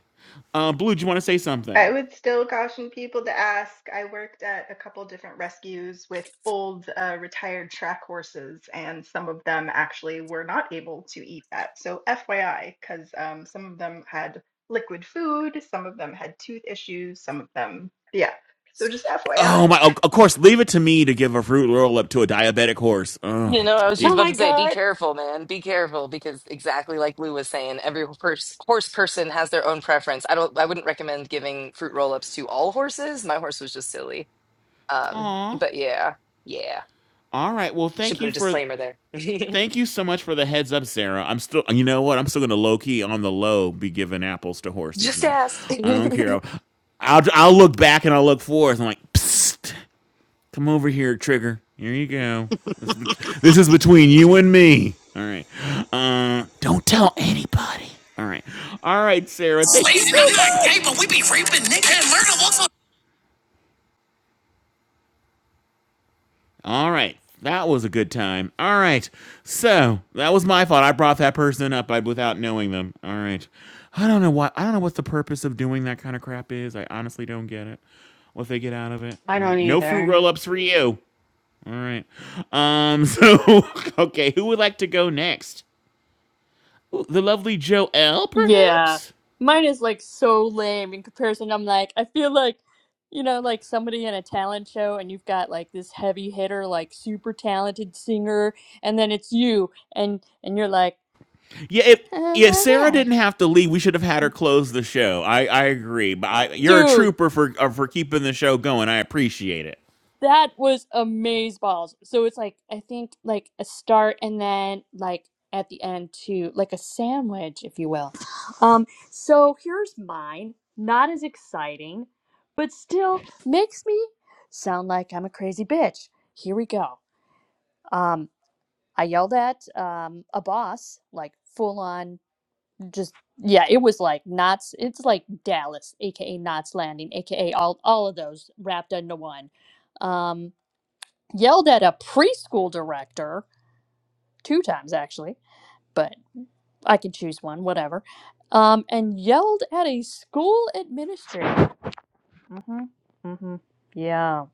B: uh, Blue. Do you want to say
D: I
B: something?
D: would still caution people to ask. I worked at a couple different rescues with old uh, retired track horses, and some of them actually were not able to eat that. So, FYI, because um, some of them had liquid food, some of them had tooth issues, some of them, yeah. So, just FYI.
B: Oh my! Of of course, leave it to me to give a fruit roll up to a diabetic horse. Oh,
F: You know, I was just
A: oh
B: dear.
F: about
A: my
F: to say, be
A: god.
F: careful, man. Be careful because exactly like Lou was saying, every horse horse person has their own preference. I don't I wouldn't recommend giving fruit roll-ups to all horses. My horse was just silly. Um,
B: Aw.
F: but yeah. Yeah.
B: All right. Well,
F: Should
B: thank
F: put
B: you
F: a
B: for
F: disclaimer there.
B: thank you so much for the heads up, Sarah. I'm still you know what? I'm still gonna low key on the low be giving apples to horses
F: Just
B: now.
F: ask.
B: I don't care.
F: I
B: I'll I'll, I'll look back and I'll look forth. I'm like, psst. Come over here, Trigger. Here you go. This, is this is between you and me. All right. Uh, don't tell anybody. All right. All right, Sarah. Thank you
K: Listen,
B: so
K: I'm not gay,
B: much.
K: but we be raping niggas. And murder looks
B: All right. That was a good time. All right. So that was my fault. I brought that person up without knowing them. All right. I don't know what. I don't know what the purpose of doing that kind of crap is. I honestly don't get it. What they get out of it.
A: I
B: All
A: don't
B: right. No fruit roll
A: either.
B: ups for you. All right. Um. So okay. Who would like to go next? the lovely Joelle,
H: yeah
B: perhaps.
H: mine is like so lame in comparison i'm like i feel like you know like somebody in a talent show and you've got like this heavy hitter like super talented singer and then it's you and and you're like
B: Yeah, if
H: oh
B: yeah, if
H: my
B: Sarah
H: god
B: didn't have to leave, we should have had her close the show. I I agree, but I, you're a
H: dude
B: trooper for uh, for keeping the show going. I appreciate it.
H: That was amaze balls. So it's like I think like a start and then like at the end too, like a sandwich, if you will. Um, so here's mine. Not as exciting, but still makes me sound like I'm a crazy bitch. Here we go. Um, I yelled at um a boss, like full on just yeah, it was like Knots it's like Dallas, aka Knots Landing, aka all all of those wrapped into one. Um yelled at a preschool director two times actually, but I could choose one, whatever. Um, and yelled at a school administrator. Mm-hmm. Mm-hmm. Yeah,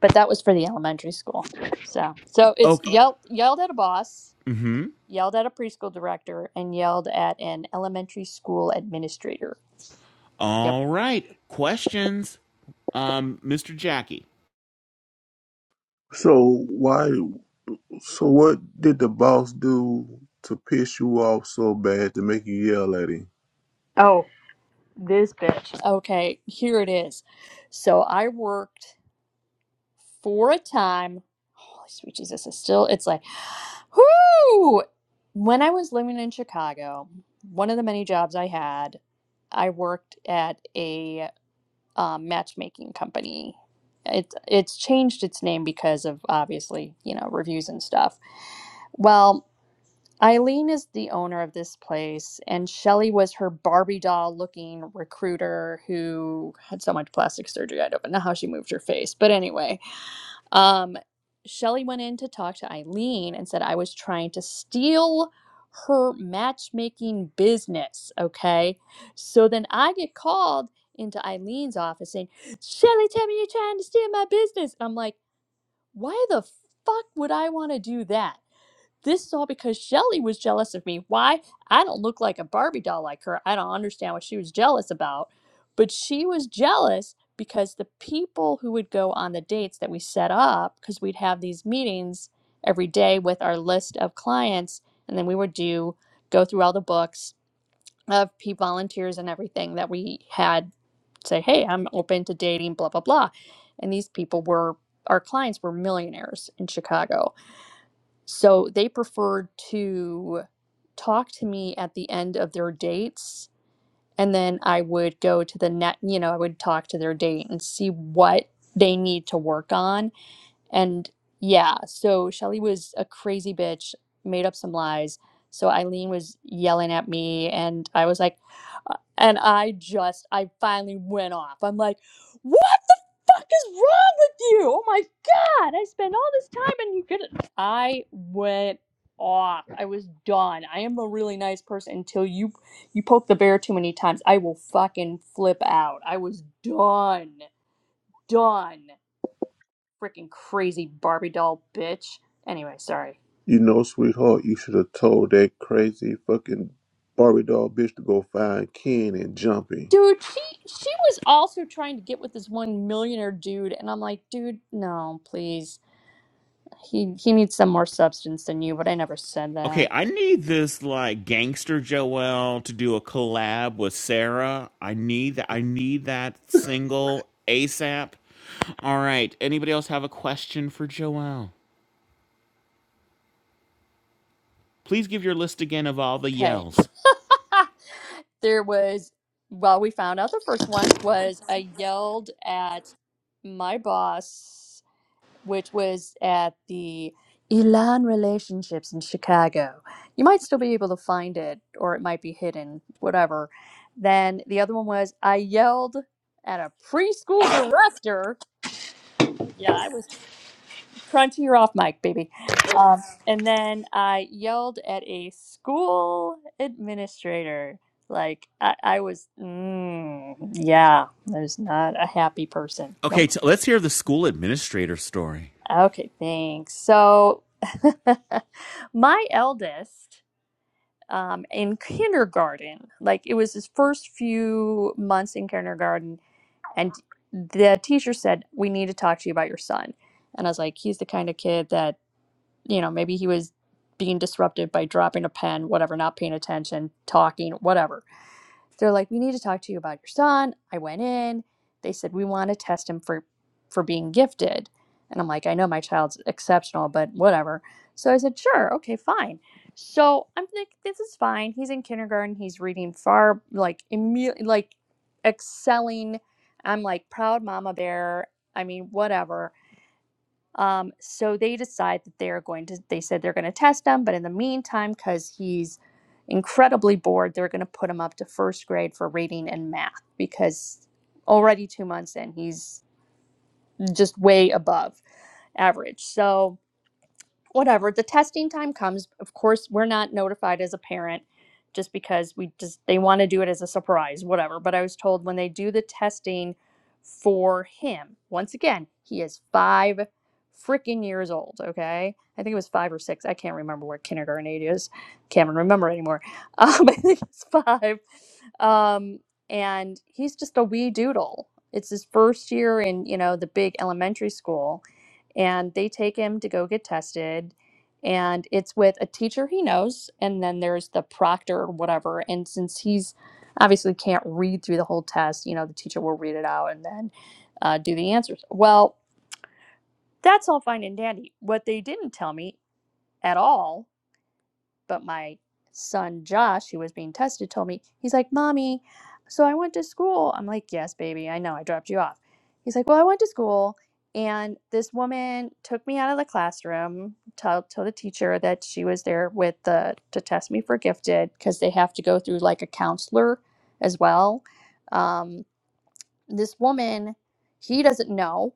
H: but that was for the elementary school. So, so it's
B: Okay.
H: yelled yelled at a boss,
B: Mm-hmm.
H: yelled at a preschool director, and yelled at an elementary school administrator. Yep.
B: All right. Questions, um, Mr. Jackie.
E: So why? So what did the boss do to piss you off so bad to make you yell at him?
H: Oh, this bitch. Okay, here it is. So I worked. for a time. Holy sweet Jesus, it's still, it's like, whoo! When I was living in Chicago, one of the many jobs I had, I worked at a um, matchmaking company. It, it's changed its name because of obviously, you know, reviews and stuff. Well, Eileen is the owner of this place, and Shelly was her Barbie doll looking recruiter who had so much plastic surgery, I don't know how she moved her face. But anyway, um, Shelly went in to talk to Eileen and said, I was trying to steal her matchmaking business. Okay. So then I get called into Eileen's office saying, Shelly, tell me you're trying to steal my business. And I'm like, why the fuck would I want to do that? This is all because Shelly was jealous of me. Why? I don't look like a Barbie doll like her. I don't understand what she was jealous about. But she was jealous because the people who would go on the dates that we set up, because we'd have these meetings every day with our list of clients, and then we would do go through all the books of P volunteers and everything that we had say, hey, I'm open to dating, blah, blah, blah. And these people were, our clients were millionaires in Chicago so they preferred to talk to me at the end of their dates. And then I would go to the net, you know, I would talk to their date and see what they need to work on and yeah, so Shelly was a crazy bitch, made up some lies. So Eileen was yelling at me, and I was like, uh, and I just, I finally went off. I'm like, what the fuck is wrong with you? Oh my God, I spent all this time and you couldn't. I went off. I was done. I am a really nice person until you you poke the bear too many times. I will fucking flip out. I was done. Done freaking crazy Barbie doll bitch. Anyway, sorry.
E: You know, sweetheart, you should have told that crazy fucking Barbie doll bitch to go find Ken and jump him.
H: Dude, she she was also trying to get with this one millionaire dude, and I'm like, dude, no, please. He he needs some more substance than you, but I never said
B: Okay,
H: that.
B: I need this like gangster Joelle to do a collab with Sarah. I need that. I need that single ASAP. All right. Anybody else have a question for Joelle? Please give your list again of all the
H: Okay.
B: yells.
H: there was well, we found out the first one was I yelled at my boss which was at the Elan Relationships in Chicago. You might still be able to find it, or it might be hidden, whatever. Then the other one was I yelled at a preschool director. Yeah, I was crunchy You're off mic, baby. Um, and then I yelled at a school administrator. Like I, I was, mm, yeah, I was not a happy person.
B: Okay,
H: Nope.
B: t- let's hear the school administrator story.
H: Okay, thanks. So, my eldest um, in kindergarten, like it was his first few months in kindergarten, and the teacher said, We need to talk to you about your son. And I was like, He's the kind of kid that, you know, maybe he was being disrupted by dropping a pen, whatever, not paying attention, talking, whatever they're like we need to talk to you about your son i went in they said we want to test him for for being gifted and i'm like i know my child's exceptional but whatever so i said sure okay fine so i'm like this is fine he's in kindergarten he's reading far like imme- like excelling i'm like proud mama bear i mean whatever um, so they decide that they are going to, they said they're going to test him, but in the meantime, because he's incredibly bored, they're going to put him up to first grade for reading and math because already two months in, he's just way above average. So whatever the testing time comes of course we're not notified as a parent just because we just they want to do it as a surprise whatever but i was told when they do the testing for him once again he is five freaking years old okay i think it was five or six i can't remember what kindergarten age is can't even remember anymore um, i think it's five um, and he's just a wee doodle it's his first year in you know the big elementary school and they take him to go get tested and it's with a teacher he knows and then there's the proctor or whatever and since he's obviously can't read through the whole test you know the teacher will read it out and then uh, do the answers well that's all fine and dandy what they didn't tell me at all but my son Josh, who was being tested, told me, he's like, Mommy, so I went to school. I'm like, Yes, baby, I know, I dropped you off. He's like, Well, I went to school and this woman took me out of the classroom, told, told the teacher that she was there with the to test me for gifted because they have to go through like a counselor as well. Um, this woman, he doesn't know.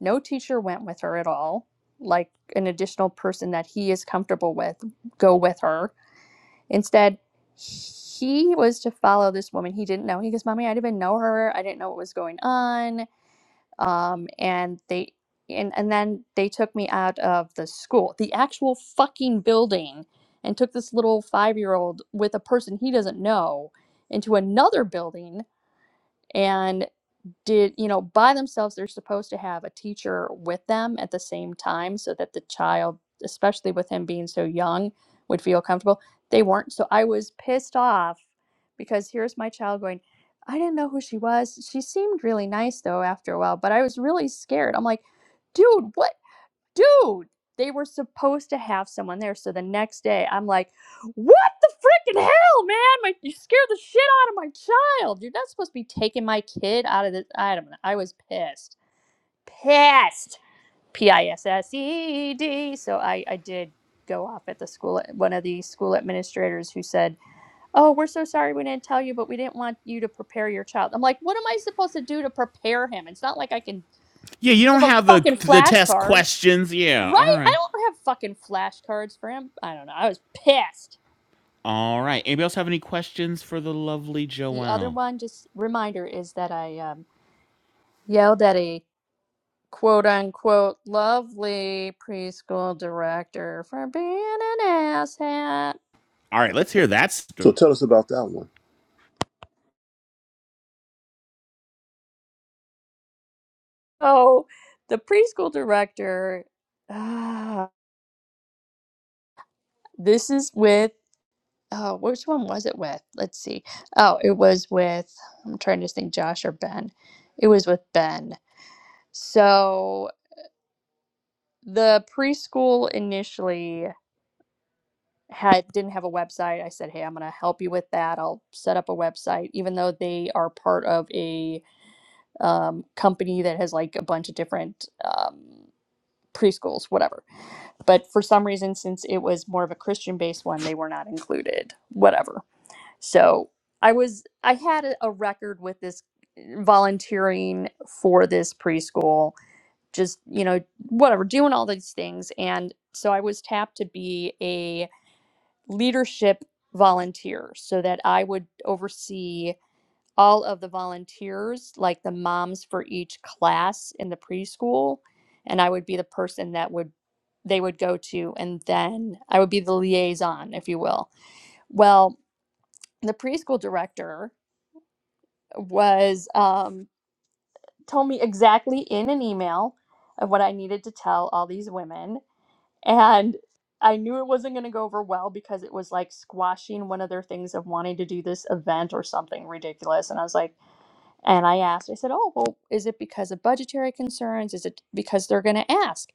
H: No teacher went with her at all, like an additional person that he is comfortable with, go with her Instead, he was to follow this woman he didn't know. He goes, "Mommy, I didn't even know her. I didn't know what was going on." Um, and they and and then they took me out of the school, the actual fucking building, and took this little five year old with a person he doesn't know into another building. and did you know by themselves they're supposed to have a teacher with them at the same time so that the child especially with him being so young would feel comfortable they weren't so i was pissed off because here's my child going i didn't know who she was she seemed really nice though after a while but i was really scared i'm like dude what dude, they were supposed to have someone there. So the next day, I'm like, what the freaking hell, man? My, you scared the shit out of my child. You're not supposed to be taking my kid out of this. I don't know. I was pissed. Pissed. P I S S E E D. So I, I did go off at the school, one of the school administrators who said, Oh, we're so sorry we didn't tell you, but we didn't want you to prepare your child. I'm like, What am I supposed to do to prepare him? It's not like I can
B: Yeah, you don't
H: give him
B: have the
H: fucking
B: the test
H: flashcards.
B: questions. Yeah,
H: Right?
B: all
H: I
B: right.
H: don't have fucking flashcards for him. I don't know. I was pissed.
B: All right. Anybody else have any questions for the lovely
H: The other
B: Joelle?
H: one, just reminder, is that I um, yelled at a quote unquote lovely preschool director for being an asshat.
B: All right, let's hear that
E: So
B: story.
E: tell us about that one.
H: Oh, the preschool director. Uh, this is with. Oh, which one was it with? Let's see. Oh, it was with. I'm trying to think, Josh or Ben. It was with Ben. So the preschool initially had didn't have a website. I said, "Hey, I'm going to help you with that. I'll set up a website." Even though they are part of a um, company that has like a bunch of different um, preschools, whatever. But for some reason, since it was more of a Christian-based one, they were not included. Whatever. So I was I had a a record with this volunteering for this preschool just you know whatever doing all these things and so i was tapped to be a leadership volunteer so that i would oversee all of the volunteers like the moms for each class in the preschool and i would be the person that would they would go to and then i would be the liaison if you will well the preschool director was um, told me exactly in an email of what i needed to tell all these women And I knew it wasn't going to go over well because it was like squashing one of their things of wanting to do this event or something ridiculous. And I was like, and I asked, I said, oh, well, is it because of budgetary concerns? Is it because they're going to ask?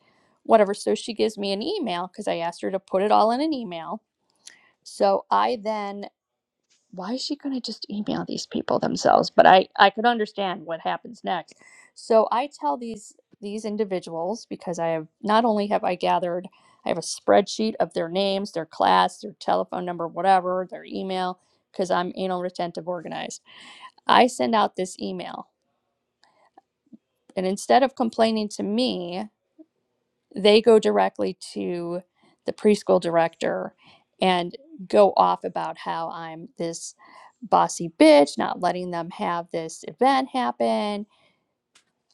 H: Whatever. So she gives me an email because I asked her to put it all in an email. So I then why is she going to just email these people themselves but i i could understand what happens next so i tell these these individuals because i have not only have i gathered i have a spreadsheet of their names their class their telephone number whatever their email because i'm anal retentive organized i send out this email and instead of complaining to me they go directly to the preschool director and go off about how I'm this bossy bitch, not letting them have this event happen.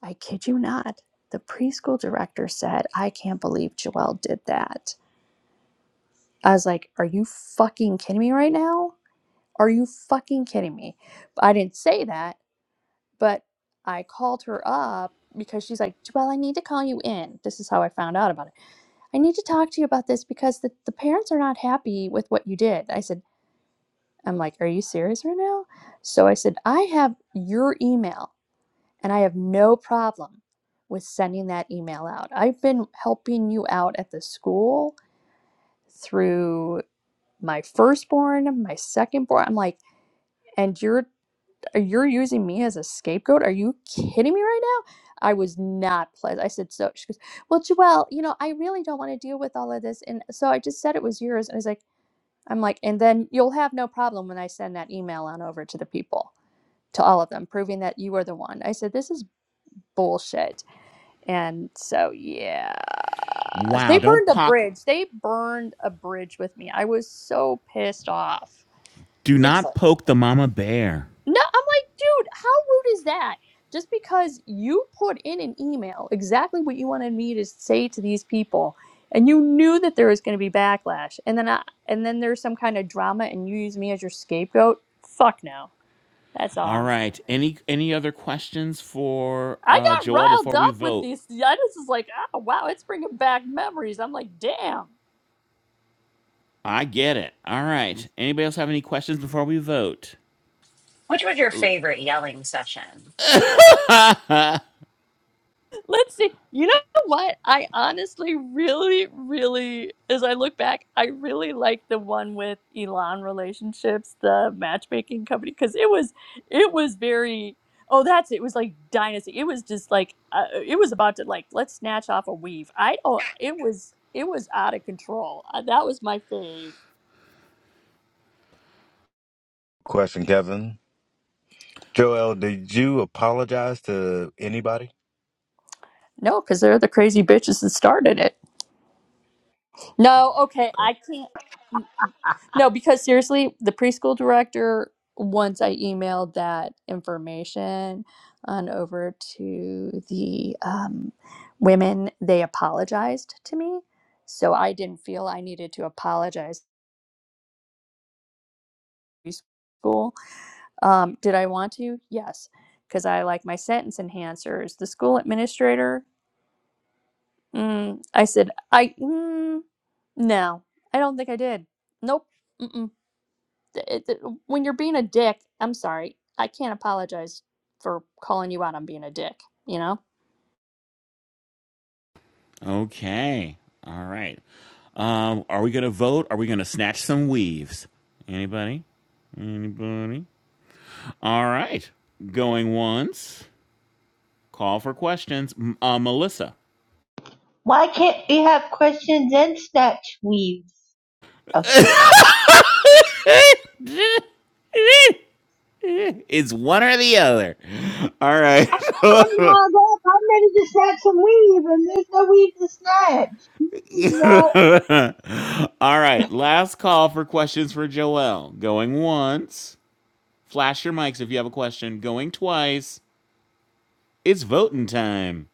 H: I kid you not. The preschool director said, I can't believe Joelle did that. I was like, Are you fucking kidding me right now? Are you fucking kidding me? I didn't say that, but I called her up because she's like, Joelle, I need to call you in. This is how I found out about it. I need to talk to you about this because the, the parents are not happy with what you did. I said, I'm like, are you serious right now? So I said, I have your email and I have no problem with sending that email out. I've been helping you out at the school through my firstborn, my secondborn. I'm like, and you're you're using me as a scapegoat? Are you kidding me right now? I was not pleased. I said so. She goes, well, Joelle, you know, I really don't want to deal with all of this. And so I just said it was yours. And I was like, I'm like, and then you'll have no problem when I send that email on over to the people, to all of them, proving that you are the one. I said, this is bullshit. And so, yeah.
B: Wow,
H: They
B: don't
H: burned a
B: poke
H: bridge. They burned a bridge with me. I was so pissed off.
B: do
H: It's
B: not poke the mama bear.
H: No, I'm like, dude, how rude is that? Just because you put in an email exactly what you wanted me to say to these people, and you knew that there was going to be backlash, and then I, and then there's some kind of drama, and you use me as your scapegoat. Fuck no, that's all
B: All
H: I'm. saying.
B: right. Any any other questions for
H: I
B: uh
H: got
B: Joelle
H: riled
B: before we
H: up with
B: vote?
H: these. I just was like, oh wow, it's bringing back memories. I'm like, damn.
B: I get it. All right. Anybody else have any questions before we vote?
A: Which was your favorite yelling session, Joel?
H: Let's see. You know what? I honestly really, really, as I look back, I really like the one with Elon Relationships, the matchmaking company, because it was, it was very. Oh, that's it. It was like Dynasty. It was just like uh, it was about to like let's snatch off a weave. I don't. It was it was out of control. Uh, that was my fave.
G: Question, Kevin. Joel, did you apologize to anybody?
H: No, because they're the crazy bitches that started it. No, okay,
G: Okay.
H: I can't. No, because seriously, the preschool director, once I emailed that information on over to the um, women, they apologized to me. So I didn't feel I needed to apologize to preschool. Um, did I want to? Yes, because I like my sentence enhancers. The school administrator, mm, I said, I, mm, no, I don't think I did. Nope. Mm-mm. it, it- when you're being a dick, I'm sorry, I can't apologize for calling you out on being a dick. You know?
B: Okay. All right. Um, are we going to vote? Are we going to snatch some weaves? Anybody? Anybody? All right. Going once. Call for questions. M- Uh, Melissa.
I: Wow.
B: It's one or the other. All right.
I: I'm lined up. We just had some weave, and there's no weave to snag.
B: All right. Last call for questions for Joelle. Going once. Flash your mics if you have a question. Going twice. It's voting time.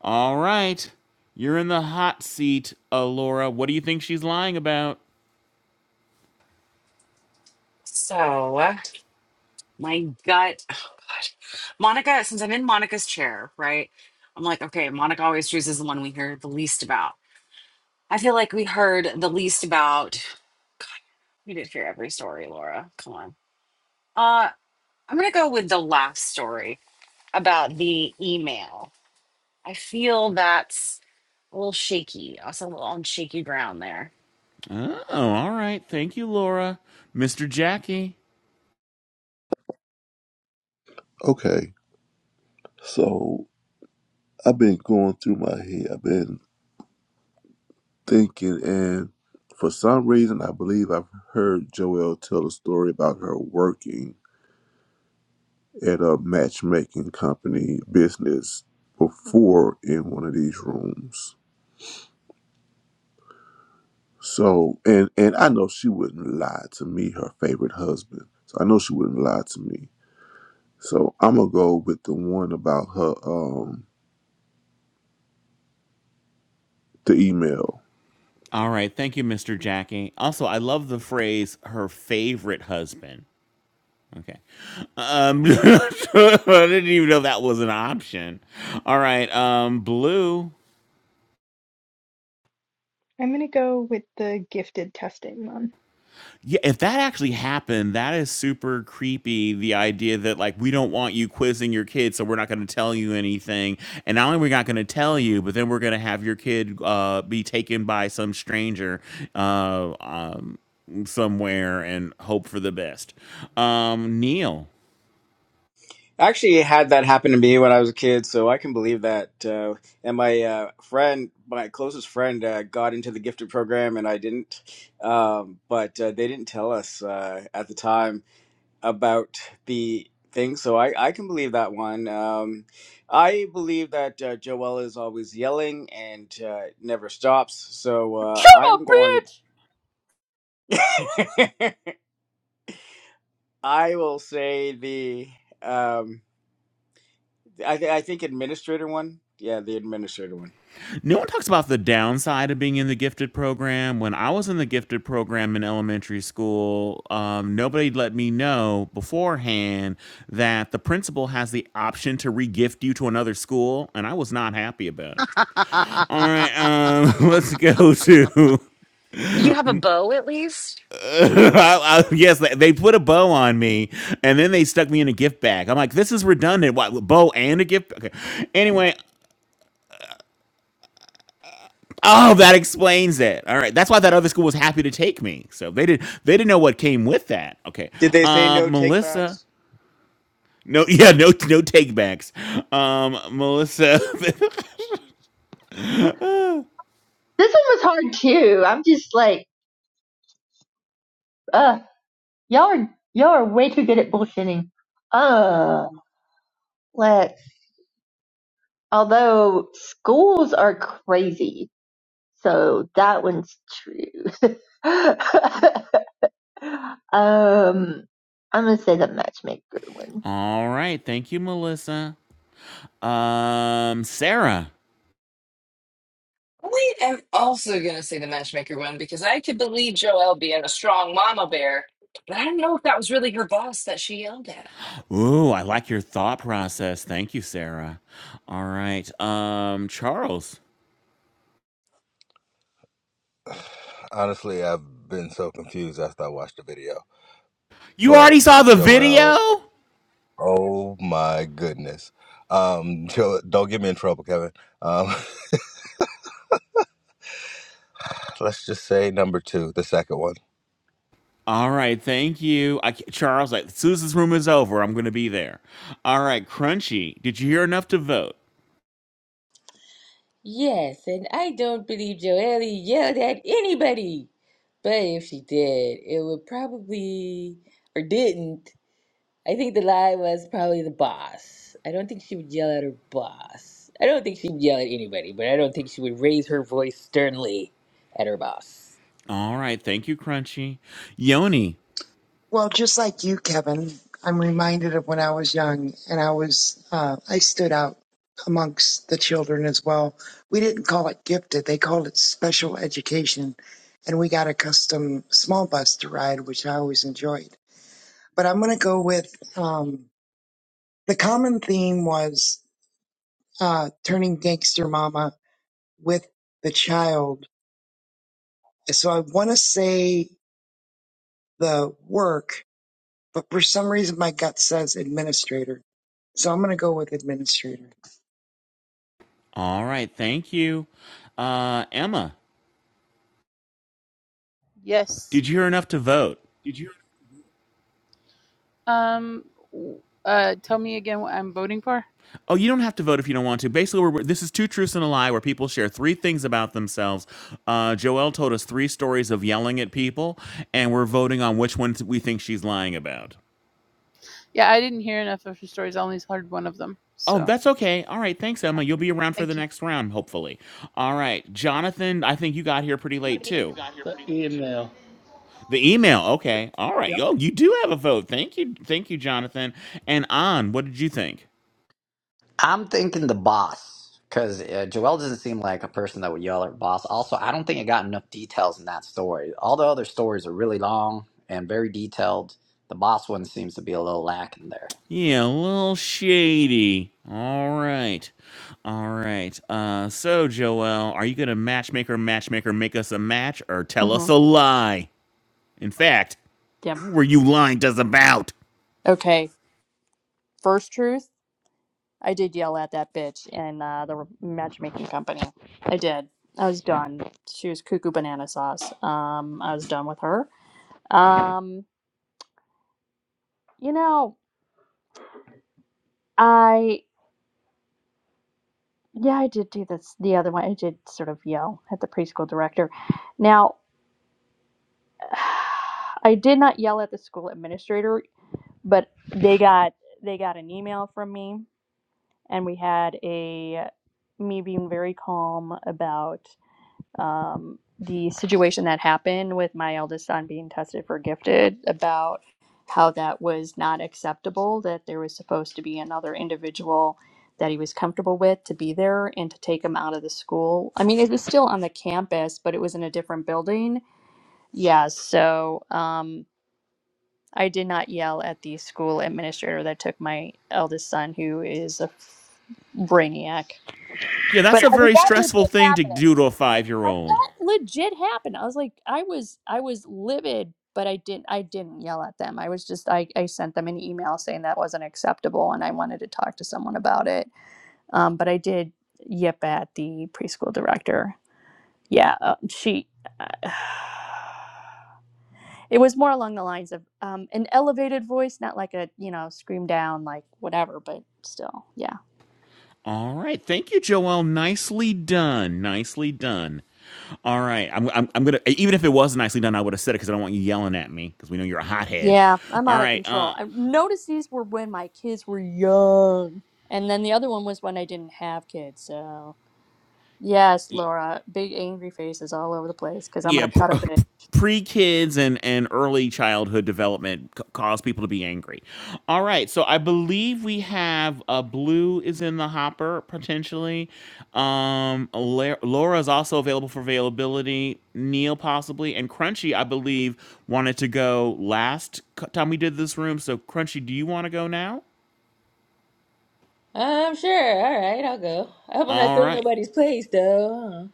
B: All right. You're in the hot seat, uh, Laura. What do you think she's lying about?
A: So my gut. Oh god. Monica, since I'm in Monica's chair, right? I'm like, okay, Monica always chooses the one we hear the least about. I feel like we heard the least about God, we did hear every story, Laura. Come on. Uh I'm gonna go with the last story about the email. I feel that's a little shaky. Also, a little on shaky ground there.
B: Oh, all right. Thank you, Laura. Mr. Jackie.
E: Okay. So I've been going through my head. I've been thinking, and for some reason, I believe I've heard Joelle tell a story about her working at a matchmaking company business before in one of these rooms. So, and and I know she wouldn't lie to me, her favorite husband. So I know she wouldn't lie to me. So I'm gonna go with the one about her um the email.
B: All right. Thank you, Mr. Jackie. Also, I love the phrase her favorite husband. Okay. Um, I didn't even know that was an option. All right. Um, Blue.
D: I'm going to go with the gifted testing one.
B: Yeah, if that actually happened, that is super creepy. The idea that like we don't want you quizzing your kids, so we're not going to tell you anything. And not only we're not going to tell you, but then we're going to have your kid uh, be taken by some stranger uh, um, somewhere and hope for the best. Um, Neil.
C: I actually had that happen to me when I was a kid, so I can believe that. Uh, and my uh, friend, my closest friend, uh, got into the gifted program, and I didn't. Um, but uh, they didn't tell us uh, at the time about the thing, so I, I can believe that one. Um, I believe that uh, Joelle is always yelling and uh, never stops, so uh,
H: What
C: I'm going.
H: a
C: I will say the. Um, I, th- I think administrator one. Yeah, the administrator one.
B: No one talks about the downside of being in the gifted program. When I was in the gifted program in elementary school, um, nobody let me know beforehand that the principal has the option to regift you to another school, and I was not happy about it.
A: Uh-uh.
B: All right, um, let's go to.
A: Did you have a bow at least?
B: I, I, yes, they, they put a bow on me, and then they stuck me in a gift bag. I'm like, this is redundant. What bow and a gift? Okay. Anyway, Oh, that explains it. All right, that's why that other school was happy to take me. So they did. They didn't know what came with that. Okay,
C: Did they say
B: um,
C: no
B: Melissa.
C: takebacks?
B: No, yeah, no, no take backs. Um, Melissa.
I: This one was hard too. I'm just like, uh, y'all are y'all are way too good at bullshitting. Uh, let's. Although schools are crazy, so that one's true. um, I'm gonna say the matchmaker one.
B: All right, thank you, Melissa. Um, Sarah.
F: am also gonna say the matchmaker one because I could believe Joelle being a strong mama bear, but I don't know if that was really her boss that she yelled at.
B: Ooh, I like your thought process. Thank you, Sarah. All right, um, Charles.
G: Honestly, I've been so confused after I watched the video.
B: You
G: But
B: already saw the
G: Joel,
B: video?
G: oh my goodness. Um, Joel, don't get me in trouble, Kevin. Um, let's just say number two, the second one.
B: All right, thank you. I, ca- Charles, like Susan's room is over. I'm going to be there. All right, Crunchy, did you hear enough to vote?
L: Yes, and I don't believe Joelle yelled at anybody. But if she did, it would probably, or didn't, I think the lie was probably the boss. I don't think she would yell at her boss. I don't think she would yell at anybody, but I don't think she would raise her voice sternly at her boss.
B: All right, thank you, Crunchy. Yoni,
M: Well, just like you, Kevin, I'm reminded of when I was young and I was, uh, I stood out amongst the children as well. We didn't call it gifted, they called it special education. And we got a custom small bus to ride, which I always enjoyed. But I'm going to go with um, the common theme was uh, turning gangster mama with the child. So I want to say the work, but for some reason my gut says administrator. So I'm going to go with administrator.
B: all right, thank you. Uh, Emma,
N: Yes.
B: did you hear enough to vote?
N: Did you? Um. Uh. Tell me again what I'm voting for.
B: Oh, you don't have to vote if you don't want to. Basically, we're, we're- this is two truths and a lie, where people share three things about themselves. Uh, Joelle told us three stories of yelling at people, and we're voting on which one we think she's lying about.
N: Yeah, I didn't hear enough of her stories. I only heard one of them.
B: Oh,
N: So
B: that's okay. All right. Thanks, Emma. You'll be around for
N: thank
B: the
N: you.
B: next round, hopefully. All right. Jonathan, I think you got here pretty late
O: The
B: too.
O: email.
B: The email. Okay. All right.
O: Yep.
B: Oh, you do have a vote. Thank you. Thank you, Jonathan. And An, what did you think?
J: I'm thinking the boss because uh, Joel doesn't seem like a person that would yell at boss. Also, I don't think it got enough details in that story. All the other stories are really long and very detailed. The boss one seems to be a little lacking there.
B: Yeah, a little shady. All right. All right. Uh, so, Joel, are you going to matchmaker, matchmaker, make us a match or
H: bitch!
B: tell us
H: Mm-hmm.
B: a lie? In fact,
H: Yeah.
B: what were you lying to us about?
H: Okay. First truth, I did yell at that bitch in uh, the matchmaking company. I did. I was done. She was cuckoo banana sauce. Um, I was done with her. Um, you know, I yeah, I did do this. The other one, I did sort of yell at the preschool director. Now, I did not yell at the school administrator but they got they got an email from me and we had a me being very calm about um, the situation that happened with my eldest son being tested for gifted about how that was not acceptable that there was supposed to be another individual that he was comfortable with to be there and to take him out of the school i mean it was still on the campus but it was in a different building yeah so um, I did not yell at the school administrator that took my eldest son, who is a brainiac.
B: Yeah, that's
H: But
B: a
H: I mean,
B: very
H: that
B: stressful
H: legit
B: thing to
H: happened.
B: do to a five year
H: Like
B: old.
H: that legit happened. I was like, I was, I was livid, but I didn't, I didn't yell at them. I was just, I, I sent them an email saying that wasn't acceptable, and I wanted to talk to someone about it. Um, but I did yip at the preschool director. Yeah, uh, she. Uh, It was more along the lines of um, an elevated voice, not like a, you know, scream down, like whatever, but still, yeah.
B: All right. Thank you, Joel. Nicely done. Nicely done. All right. I'm, I'm, I'm going to, even if it was nicely done, I would have said it because I don't want you yelling at me because we know you're a hothead.
H: Yeah, I'm
B: All
H: out of
B: right.
H: control. I
B: Uh,
H: noticed these were when my kids were young. And then the other one was when I didn't have kids. So, yes, Laura, big angry faces all over the place because I'm
B: yeah
H: going to cut a bit.
B: pre kids and and early childhood development c- cause people to be angry. All right, so I believe we have uh, blue is in the hopper potentially. Um, La- Laura is also available for availability. Neil possibly and Crunchy I believe wanted to go last c- time we did this room. So Crunchy, do you want to go now?
L: I'm sure. All right, I'll go. I hope I'm not
B: All
L: stealing
B: right.
L: nobody's place, though.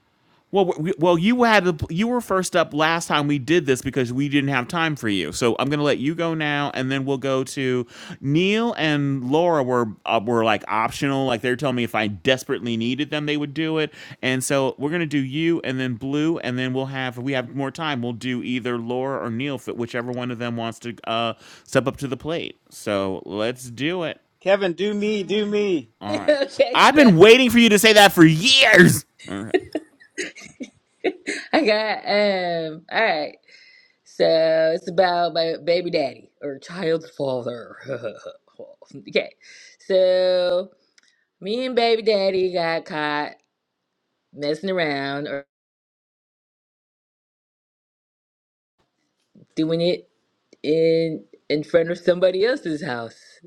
B: Well, we, well, you had the, you were first up last time we did this because we didn't have time for you. So I'm gonna let you go now, and then we'll go to Neil and Laura. Were uh, were like optional, like they were telling me if I desperately needed them, they would do it. And so we're gonna do you, and then Blue, and then we'll have if we have more time. We'll do either Laura or Neil, fit whichever one of them wants to uh, step up to the plate. So let's do it.
C: Kevin, do me, do me.
L: huh?
B: All right,
L: okay,
B: I've
L: so
B: been waiting for you to say that for years. All right.
L: I got, um, all right. So it's about my baby daddy or child's father. okay. So me and baby daddy got caught messing around or doing it in in front of somebody else's house.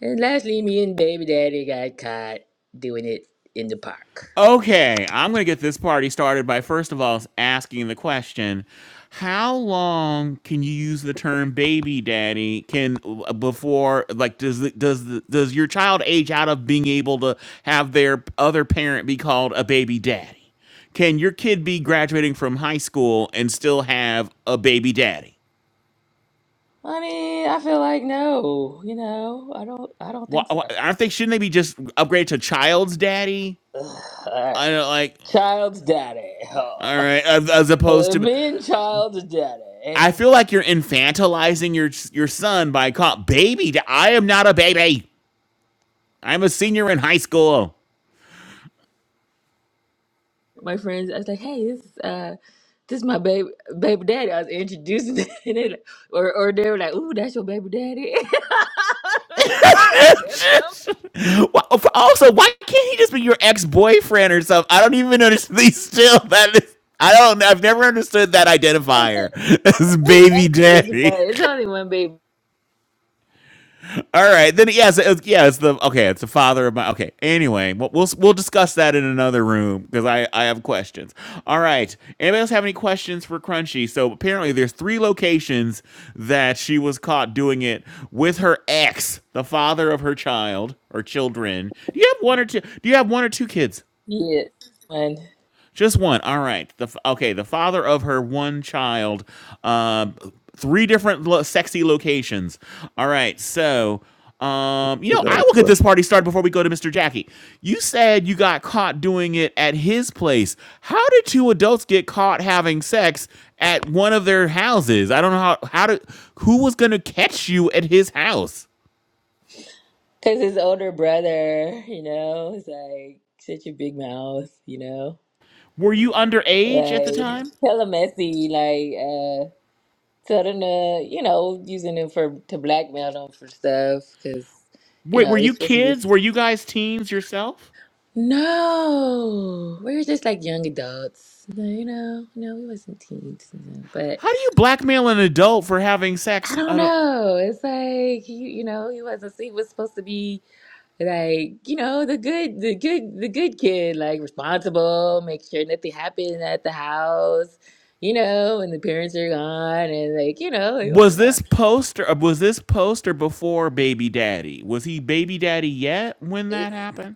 L: And lastly me and baby daddy got caught doing it in the park.
B: Okay, I'm going to get this party started by first of all asking the question how long can you use the term baby daddy can before like does the, does the, does your child age out of being able to have their other parent be called a baby daddy can your kid be graduating from high school and still have a baby daddy
L: I mean, I feel like no, you know, I don't I don't
B: why,
L: think so.
B: why, i think shouldn't they be just upgraded to child's daddy
L: Ugh, all right.
B: I don't like.
L: Child's daddy.
B: All right, as, as opposed
L: Uh,
B: to
L: me and child's
B: I
L: daddy.
B: feel like you're infantilizing your your son by call baby. I am not a baby. I'm a senior in high school.
L: my friends. I was like, "Hey, this is, uh, this is my baby baby daddy." I was introducing, them, and they like, or or they were like, "Ooh, that's your baby daddy." yeah, that's him.
B: Wha- also, why can't he just be your ex boyfriend or something? I don't even understand. Still, that is, I don't. I've never understood that identifier as
L: It's
B: baby
L: really exes,
B: daddy.
L: but it's only one baby.
B: All right, then yes, yeah, so, it's, yeah, it's the okay, it's the father of my okay. Anyway, we'll we'll, we'll discuss that in another room because I I have questions. All right, anybody else have any questions for Crunchy? So apparently, there's three locations that she was caught doing it with her ex, the father of her child or children. Do you have one or two? Do you have one or two kids?
L: Yeah, one
B: Just one. All right. The f- okay. The father of her one child. Uh, three different lo- sexy locations. All right. So, um, you
E: I
B: know,
E: got
B: I
E: a
B: will get this
E: question.
B: party started before we go to Mr. Jackie. You said you got caught doing it at his place. How did two adults get caught having sex at one of their houses? I don't know how. How did? Who was gonna catch you at his house?
L: because his older brother, you know, is like such a big mouth, you know,
B: Were you underage at the
L: like
B: time?
L: hella messy, like uh. Tell them to, you know, using them for to blackmail them for stuff, cause you
B: Wait,
L: know,
B: were
L: you're
B: you
L: supposed to be.
B: kids? Were you guys teens yourself?
L: No, we were just like young adults. No, you know, no, we wasn't teens. No. But
B: How do you blackmail an adult for having
L: I
B: sex?
L: don't
B: I don't.
L: know. It's like you, you know, he wasn't. He was supposed to be like, you know, the good, the good, the good kid, like responsible, make sure nothing happened at the house, you know, when the parents are gone, and like, you know, like, oh
B: Was
L: yeah.
B: this post or Was this post or before Baby Daddy? Was he Baby Daddy yet when
L: It-
B: that happened?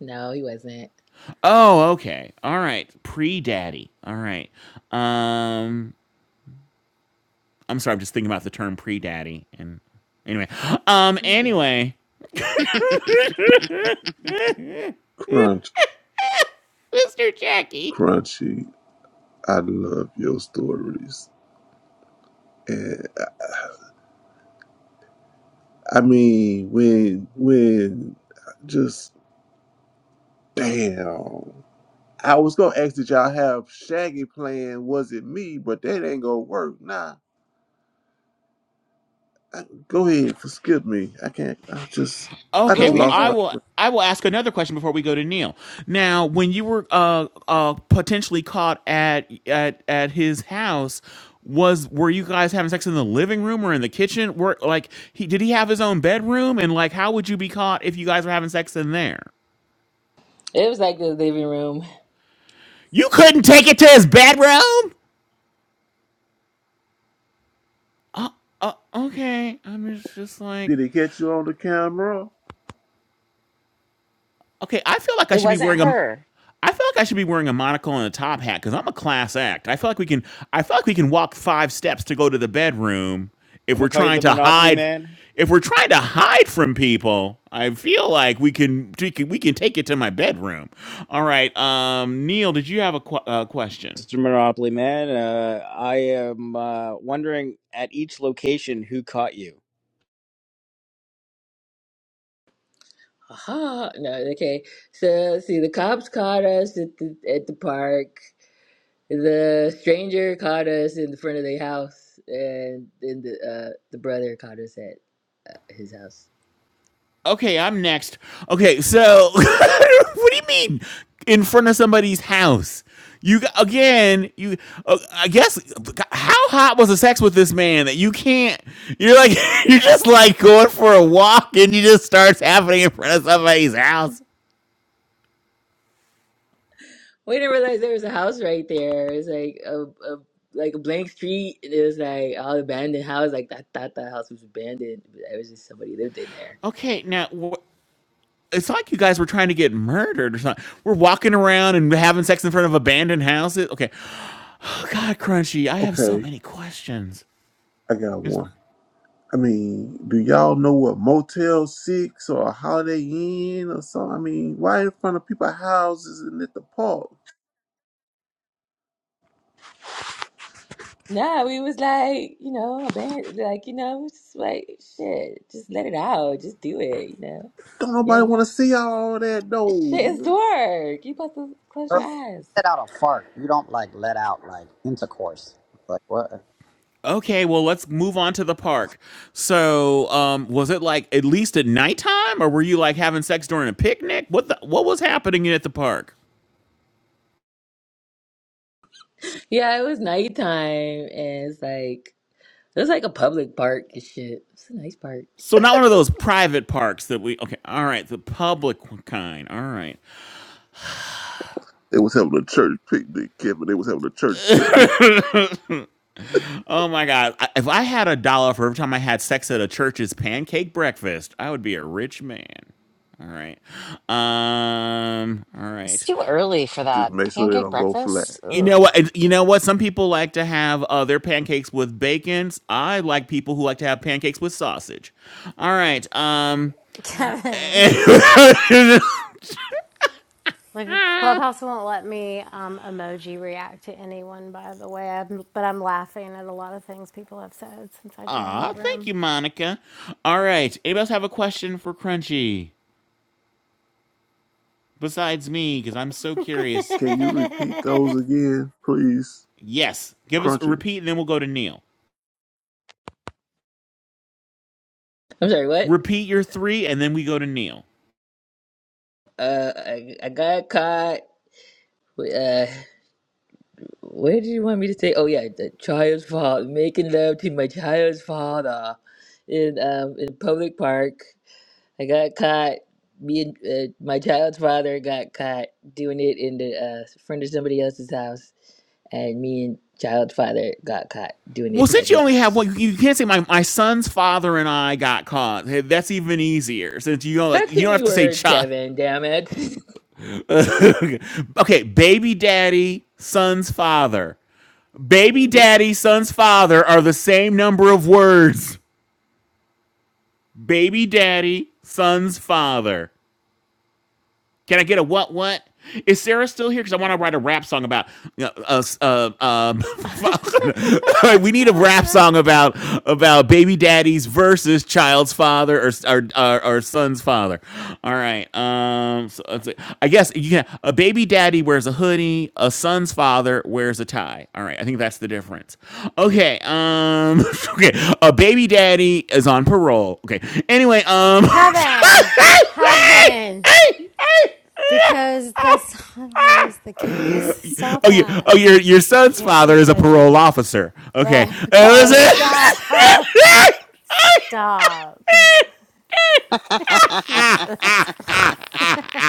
L: no, he wasn't.
B: Oh, okay. All right. Pre daddy. All right. Um I'm sorry, I'm just thinking about the term pre daddy and anyway. Um
L: Pre-dad.
B: anyway.
E: Crunch,
B: Mr. Jackie.
E: crunchy. I love your stories. And I mean, when when just damn. I was gonna ask did y'all have Shaggy playing Was It Me, but that ain't gonna work. Nah. I- go ahead, skip me. I can't I just I
B: Okay,
E: just
L: What did
B: well,
L: you
E: lost
B: I
L: say?
E: my
B: will. I will ask another question before we go to Neil. Now, when you were uh, uh, potentially caught at at at his house, was were you guys having sex in the living room or in the kitchen? Were like he did he have his own bedroom? And like, how would you be caught if you guys were having sex in there?
L: It was like the living room.
B: You couldn't take it to his bedroom? Uh, okay, I'm just, just like
E: Did it catch you on the camera?
B: Okay, I feel like I
A: It
B: should be
A: wasn't
B: wearing a.
A: her.
B: I feel like I should be wearing a monocle and a top hat because I'm a class act. I feel like we can. I feel like we can walk five steps to go to the bedroom if
C: I'm gonna
B: we're
C: call you
B: trying
C: the
B: to
C: Monopoly
B: hide.
C: Man,
B: If we're trying to hide from people, I feel like we can. We can, we can take it to my bedroom. All right, um, Neil, did you have a qu- uh, question?
C: Mr. Monopoly Man. Uh, I am uh, wondering at each location who caught you.
L: Aha! No, okay. So, see, the cops caught us at the at the park. The stranger caught us in the front of their house, and then the uh, the brother caught us at uh, his house.
B: Okay, I'm next. Okay, so what do you mean in front of somebody's house? You again, you uh, I guess how hot was the sex with this man that you can't you're like you're just like going for a walk and you just starts happening in front of somebody's house.
L: We didn't realize there was a house right there. It's like a, a like a blank street. and It was like all abandoned house. Like I thought that house was abandoned, but it was just somebody lived in there.
B: Okay, now wh- it's like you guys were trying to get murdered or something. We're walking around and having sex in front of abandoned houses. Okay. God, Crunchy, I have so
E: Okay,
B: many questions.
E: I got
B: It's
E: one. I mean, do y'all know what Motel Six or Holiday Inn or something? I mean, why in front of people's houses and at the park?
L: Nah, we was like, you know, abandoned. Like you know, we just like shit. Just let it out. Just do it. You know.
E: Don't
L: Yeah.
E: nobody want to see all that
L: Shit is
E: though.
L: dark. You about to close
J: Or
L: your
E: It's,
L: eyes.
J: Let out a fart. You don't like let out like intercourse. Like what?
B: Okay, well, let's move on to the park. So, um, was it like at least at nighttime, or were you like having sex during a picnic? What the, what was happening at the park?
L: Yeah, it was nighttime, and it's like it was like a public park and shit. It's a nice park.
B: So not one of those private parks that we okay. All right, the public kind. All right.
E: they was having a church picnic, Kevin. They was having a church picnic.
B: Oh my God! I- If I had a dollar for every time I had sex at a church's pancake breakfast, I would be a rich man. All right. Um. All
A: It's
B: right.
A: too early for
E: Just
A: that
E: make sure they
A: pancake
E: don't go flat.
A: breakfast.
B: You
A: Ugh.
B: know what? and You know what? Some people like to have uh, their pancakes with bacon. I like people who like to have pancakes with sausage. All right. Um.
P: Kevin. Like Clubhouse won't let me um, emoji react to anyone. By the way, I'm, but I'm laughing at a lot of things people have said since I joined the
B: Ah, thank
P: room.
B: you, Monica. All right. Anybody else have a question for Crunchy besides me? Because I'm so curious.
E: Can you repeat those again, please,
B: Yes. Give us a
E: Crunchy?
B: repeat, and then we'll go to Neil.
L: I'm sorry, what?
B: Repeat your three, and then we go to Neil.
L: Uh, I, I got caught. with, Uh, where did you want me to say? Oh yeah, the child's father making love to my child's father in um in public park. I got caught. Me and uh, my child's father got caught doing it in the uh, front of somebody else's house. and me and child father got caught doing
B: Well,
L: it at
B: since you
L: his
B: only have
L: house.
B: one, you can't say my, my son's father and I got caught. Hey, That's even easier. Since you don't like,
L: That's too
B: you don't
L: many
B: have to say
L: words,
B: child.
L: Kevin. Damn it.
B: okay, baby daddy, son's father. Baby daddy, son's father are the same number of words. Baby daddy, son's father. Can I get a what what? Is Sarah still here? Because I want to write a rap song about you know, us. Uh, um, we need a rap song about about baby daddies versus child's father or or, or, or son's father. All right. Um. So let's see. I guess you can. A baby daddy wears a hoodie. A son's father wears a tie. All right. I think that's the difference. Okay. Um. Okay. A baby daddy is on parole. Okay. Anyway. Um.
P: Kevin, Kevin, because that's not always the case. Stop
B: Oh, you,
P: that.
B: oh, your your son's
P: Can't
B: father
P: be
B: is a
P: judgy.
B: parole officer. Okay,
P: Right? Okay. Stop. Stop. Jesus.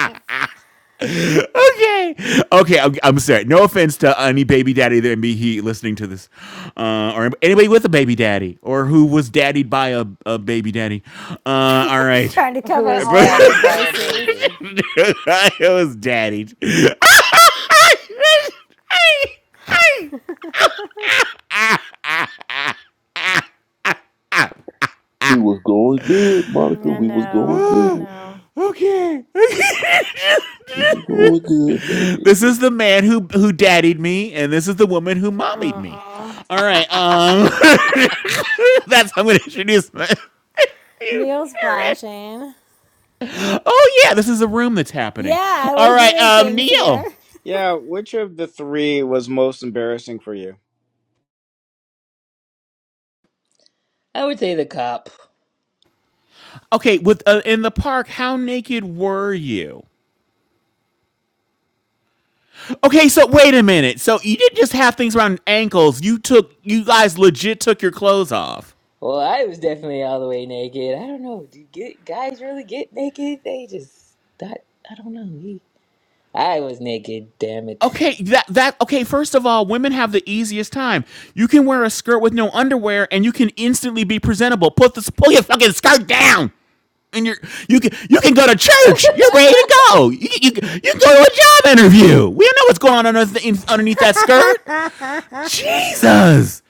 B: okay, okay. I'm, I'm sorry. No offense to any baby daddy that may be listening to this, uh, or anybody with a baby daddy, or who was daddied by a, a baby daddy. Uh, all
P: He's
B: right,
P: trying to
A: Who
P: cover
A: was
B: but
P: all your
A: daddied by a
P: bases.
A: baby
B: I was daddied.
P: I
E: We was going good, Monica. We was going
P: know, I
E: good.
P: know.
B: okay.
E: We was going good, baby.
B: This is the man who who daddied me, and this is the woman who mommied
P: Uh
B: me.
P: uh
B: All right, um, that's how I'm going to introduce my. you
P: Neil's
B: parent.
P: flashing.
B: Oh yeah, this is a room that's happening.
P: Yeah,
B: All
P: we're
B: right,
P: doing
B: um,
P: things here.
B: Neil.
C: Yeah, which of the three was most embarrassing for you?
L: I would say the cop.
B: Okay, with uh, in the park, how naked were you? Okay, so wait a minute. So you didn't just have things around ankles. You took, you guys legit took your clothes off.
L: Well, I was definitely all the way naked. I don't know. Do you get, guys really get naked? They just thought. I don't know. He, I was naked. Damn it.
B: Okay, that that okay, first of all, women have the easiest time. You can wear a skirt with no underwear and you can instantly be presentable. Put the pull your fucking skirt down. And you're you can you can go to church. You're ready to go. You you, you can go to a job interview. We don't know what's going on underneath, underneath that skirt.
P: oh
B: Jesus.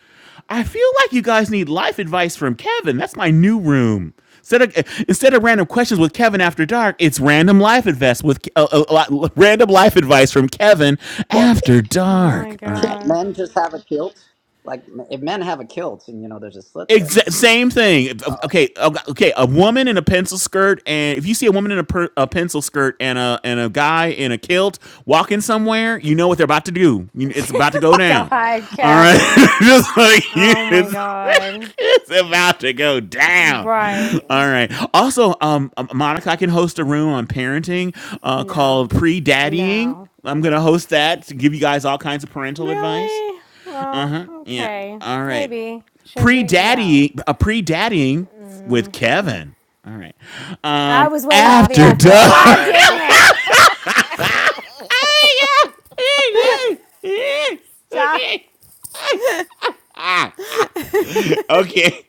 B: I feel like you guys need life advice from Kevin. That's my new room. Instead of, instead of random questions with Kevin after dark, it's random life advice with uh, uh, li- random life advice from Kevin
J: Well,
B: after
P: my
B: dark. All right.
J: can't
P: god.
J: men just have a kilt? Like if men have a kilt, and you know, there's a slit there.
B: Exa- same thing. Okay, okay. A woman in a pencil skirt, and if you see a woman in a, per- a pencil skirt and a and a guy in a kilt walking somewhere, you know what they're about to do. You- It's about to go down.
P: god,
B: All right,
P: Kevin.
B: just like you,
P: Oh my
B: it's,
P: god.
B: it's about to go down.
P: Right.
B: All right. Also, um, um, Monica, I can host a room on parenting, uh,
P: No,
B: called pre-daddying.
P: no.
B: I'm gonna host that to give you guys all kinds of parental advice.
P: Really? Well,
B: Yeah.
P: okay.
B: All right
P: Maybe. Should we? No.
B: pre-daddy a pre-daddying with Kevin. All right.
P: I
B: Um
P: was waiting for the
B: after
A: after
P: after.
B: dark.
P: God
A: dark?
P: damn Stop.
B: okay. okay.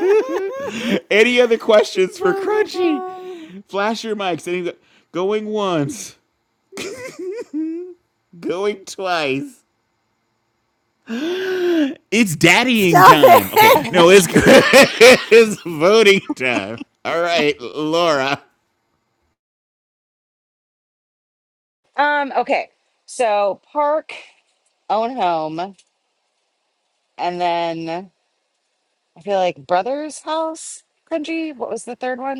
B: Any other questions for
P: Oh my
B: Crunchy?
P: god.
B: Flash your mics. Any going once, going twice. It's daddying
P: Stop
B: time. Okay.
P: it.
B: No, it's it's voting time. All right, Laura.
A: um. Okay. So park, own home, and then I feel like brother's house. Cringy. What was the third one?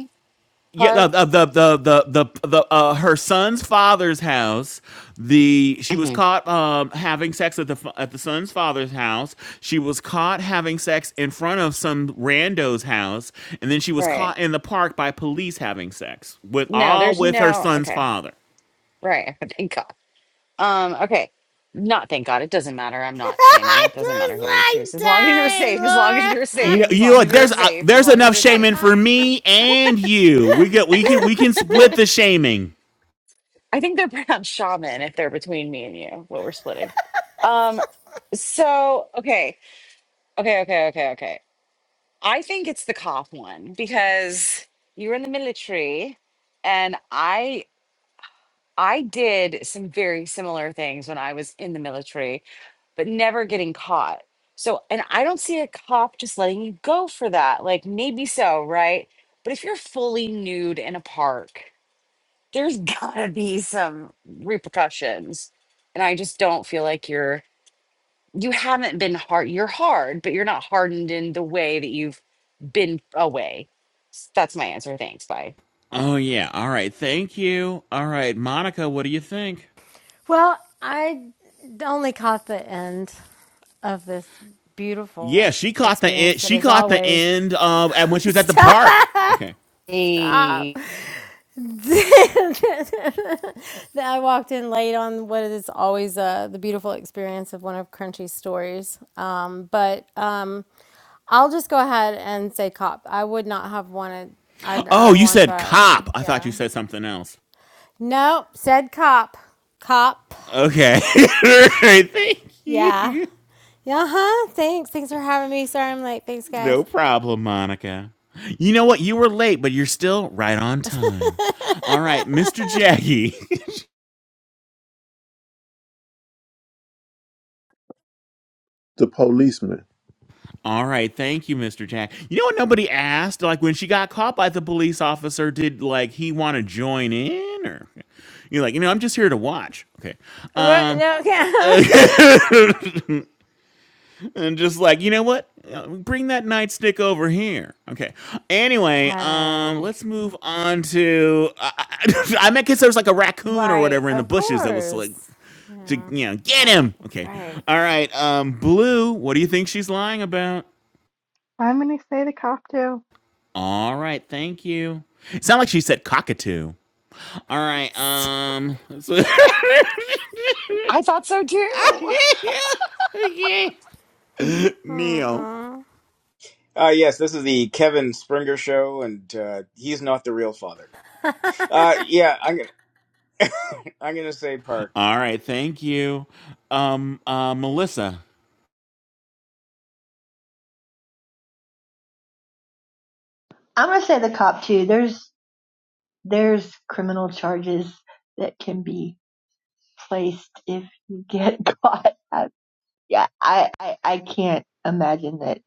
B: yeah the
A: Park?
B: the the the the, the, uh, her son's father's house the she was
A: hmm
B: caught um, having sex at the fa- at the son's father's house she was caught having sex in front of some rando's house and then she was
A: Right.
B: caught in the park by police having sex with
A: No,
B: all
A: there's
B: with her
A: no.
B: son's
A: Okay.
B: father
A: Right. Thank God. Um, okay. Not thank God. It doesn't matter. I'm not shaming.
P: I
A: It doesn't matter who you
P: was
A: choose.
P: like
A: As long as you're
P: dying,
A: safe, as long as you're
P: Laura.
B: you know,
A: safe, as
B: you know
A: long as
B: what,
A: you're
B: there's uh,
A: safe, as
B: there's
A: long as
B: enough
A: you're safe.
B: shaming for me and you. We get we can we can split the shaming.
A: I think they're pronounced shaman if they're between me and you, what we're splitting. Um, so okay. Okay, okay, okay, okay. I think it's the cop one because you were in the military and I I did some very similar things when I was in the military but never getting caught. So, and I don't see a cop just letting you go for that. Like, maybe so, right? But if you're fully nude in a park, there's gotta be some repercussions. And I just don't feel like you're, you haven't been hard. You're hard, but you're not hardened in the way that you've been away. S- That's my answer. Thanks. Bye.
B: Oh yeah. All right. Thank you. All right, Monica, what do you think?
P: Well, I only caught the end of this beautiful
B: Yeah, she caught the
P: experience
B: end.
P: that
B: She
P: is
B: caught the
P: always
B: end um, and when she was at the park.
P: Stop.
B: Okay.
P: Stop.
A: Hey,
P: That I walked in late on what is always uh, the beautiful experience of one of Crunchy's stories. Um, but um, I'll just go ahead and say cop. I would not have wanted. I I
B: Oh, you
P: want
B: said
P: that.
B: cop. I thought
P: Yeah.
B: you said something else.
P: Nope. Said cop. Cop.
B: Okay. All right, Thank
P: Yeah.
B: you.
P: Yeah. huh. Thanks. Thanks for having me. Sorry I'm late. Thanks, guys.
B: No problem, Monica. You know what? You were late, but you're still right on time. All right, Mr. Jackie.
E: The policeman.
B: All right, thank you, Mr. Jack. You know what nobody asked? Like when she got caught by the police officer, did like he want to join in or you're like, you know, I'm just here to watch. Okay.
P: What?
B: Um
P: No,
B: Uh, and just like you know what Uh, bring that nightstick over here okay anyway um
P: Kevin.
B: let's move on to i, I, I meant because there was like a raccoon or
P: Right,
B: whatever in the
P: of
B: bushes that was like
P: course.
B: to
P: Yeah,
B: you know get
P: right,
B: him okay
P: right.
B: all right um blue what do you think she's lying about
D: I'm going to say the cocktail.
B: all right thank you it sounded like she said cockatoo all right um so-
A: I thought so too.
B: okay neil
P: Uh-uh.
C: Uh, yes, this is the Kevin Springer show, and uh, he's not the real father. Uh, yeah, I'm, I'm gonna say Park.
B: All right, thank you, um, uh, Melissa.
I: I'm gonna say the cop too. There's there's criminal charges that can be placed if you get caught. I, yeah, I, I I can't imagine that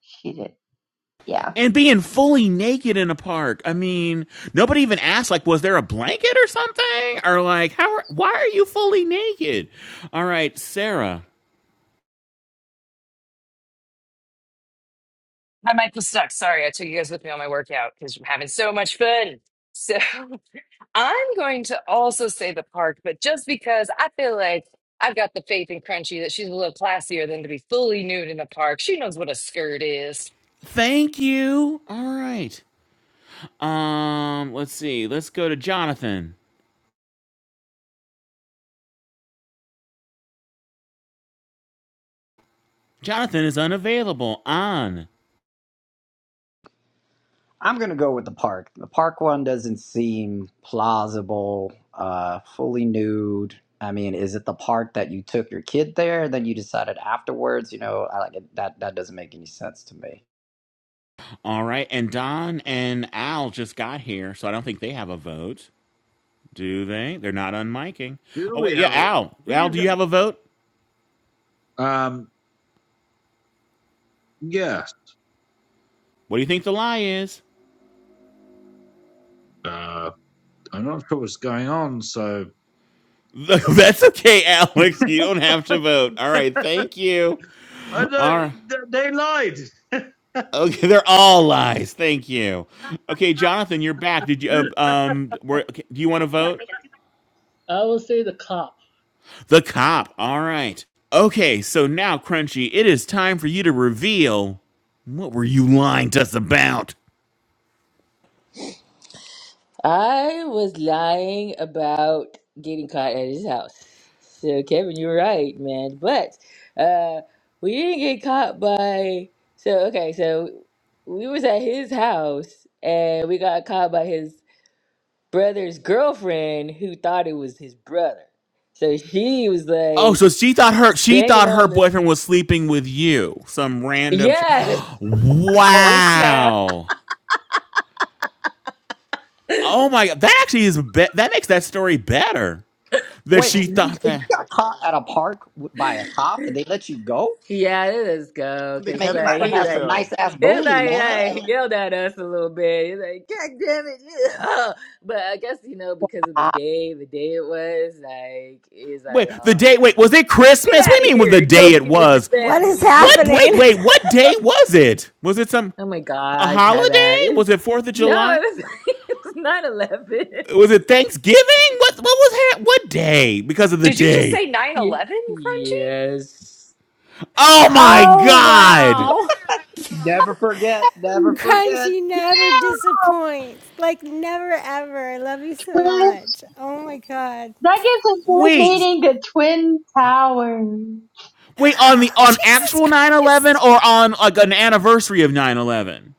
I: she did. Yeah.
B: And being fully naked in a park. I mean, nobody even asked. Like, was there a blanket or something? Or like, how? Are, why are you fully naked? All right, Sarah.
F: Hi, Michael Stuck. Sorry, I took you guys with me on my workout because I'm having so much fun. So I'm going to also say the park, but just because I feel like I've got the faith in Crunchy that she's a little classier than to be fully nude in the park. She knows what a skirt is.
B: Thank you. All right. Um, let's see. Let's go to Jonathan. Jonathan is unavailable on.
J: I'm gonna go with the park. The park one doesn't seem plausible. Uh, fully nude. I mean, is it the park that you took your kid there? and Then you decided afterwards. You know, I like it. that. That doesn't make any sense to me.
B: All right, and Don and Al just got here, so I don't think they have a vote. Do they? They're not unmiking.
Q: Do
B: Oh wait,
Q: we
B: yeah,
Q: have a?
B: Al. Al, do
Q: These
B: you have a vote?
Q: um yes.
B: What do you think the lie is?
Q: Uh, I'm not sure what's going on. So
B: That's okay, Alex. You don't have to vote. All right. Thank you.
Q: I know
B: All right.
Q: th- they lied.
B: Okay, they're all lies. Thank you. Okay, Jonathan, you're back. Did you? Uh, um, were, okay, do you want to vote?
O: Oh, I
B: The cop. All right. Okay, so now, Crunchy, it is time for you to reveal what were you lying to us about.
L: I was lying about getting caught at his house. So Kevin, you're right, man. But uh we didn't get caught by so okay, so we was at his house and we got caught by his brother's girlfriend who thought it was his brother. So she was
B: Oh, so
L: like
B: she thought her she
L: banging
B: thought her
L: on the
B: boyfriend was sleeping with you, some random. Ch-
L: Yes,
F: Oh, snap.
B: wow. Oh my god, that actually is be- that makes that story better. That
J: Wait,
B: she
J: so you,
B: thought
J: so you
B: that
J: got caught at a park w- by a cop, and they let you go?
L: Yeah, it is go
C: The
L: because
J: Man, you
C: Kevin
J: might
L: like
J: have
L: he
C: Springer
J: had some
L: like
C: show.
J: nice ass
L: it's
J: booty,
L: like, like
J: man.
L: he yelled at us a little bit. He's like, God damn it! yeah." But I guess you know because of the
I: Ah,
L: day, the day it was like is
B: wait
L: like
B: the
L: uh
B: day wait was it
L: get
B: Christmas?
L: out
B: What
L: of
B: do you mean with the
L: here,
B: day
L: go
B: it
L: be with your
B: was?
P: What is
L: family
B: What
L: kind of
P: happening?
B: wait
L: shit.
B: wait what day was it? Was it some
L: Oh my
B: a
L: God,
B: holiday?
L: Kevin! It's,
B: Was it Fourth of
L: no,
B: July?
L: it was it was nine eleven.
B: Was it Thanksgiving? What what was that? what day? Because of the
F: Did you just
B: day.
F: say 9
L: Ye-
F: 11, Crunchy?
L: Yes,
B: Oh my
P: oh,
B: god!
P: wow.
J: Never forget. Never
I: yeah,
J: forget.
P: Crunchy never disappoints. Like, never ever. I love you so much. Oh my God.
I: That gives us a third
B: Wait
I: meeting to Twin Towers.
B: wait on the on
P: Jesus
B: actual nine eleven
P: Christ.
B: or on like an anniversary of nine eleven?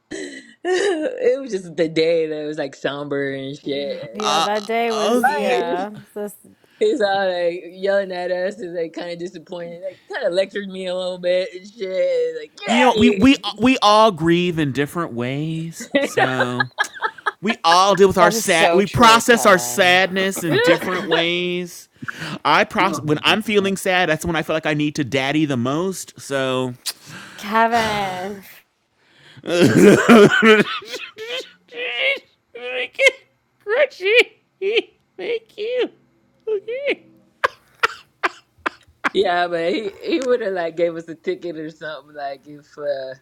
L: it was just the day that was like somber and shit. It's
P: Yeah,
L: like,
P: that day
B: Oh
P: was,
L: why are
B: yeah.
L: you?
P: yeah, this
L: He's all like yelling at us and like kind of disappointed, like kind of lectured me a little bit and shit. Like get
B: You know, we we we all grieve in different ways.
L: out of
B: So we all deal with our
A: That is
B: sad.
A: so
B: We
A: true,
B: process our
A: Kevin.
B: sadness
L: here.
B: in different ways. I process
Q: oh
B: when
Q: my
B: I'm
Q: God.
B: feeling sad. That's when I feel like I need to daddy the most. So
P: Kevin.
B: make it crunchy. Thank you. Okay.
L: yeah, but he he would have like gave us a ticket or something like if uh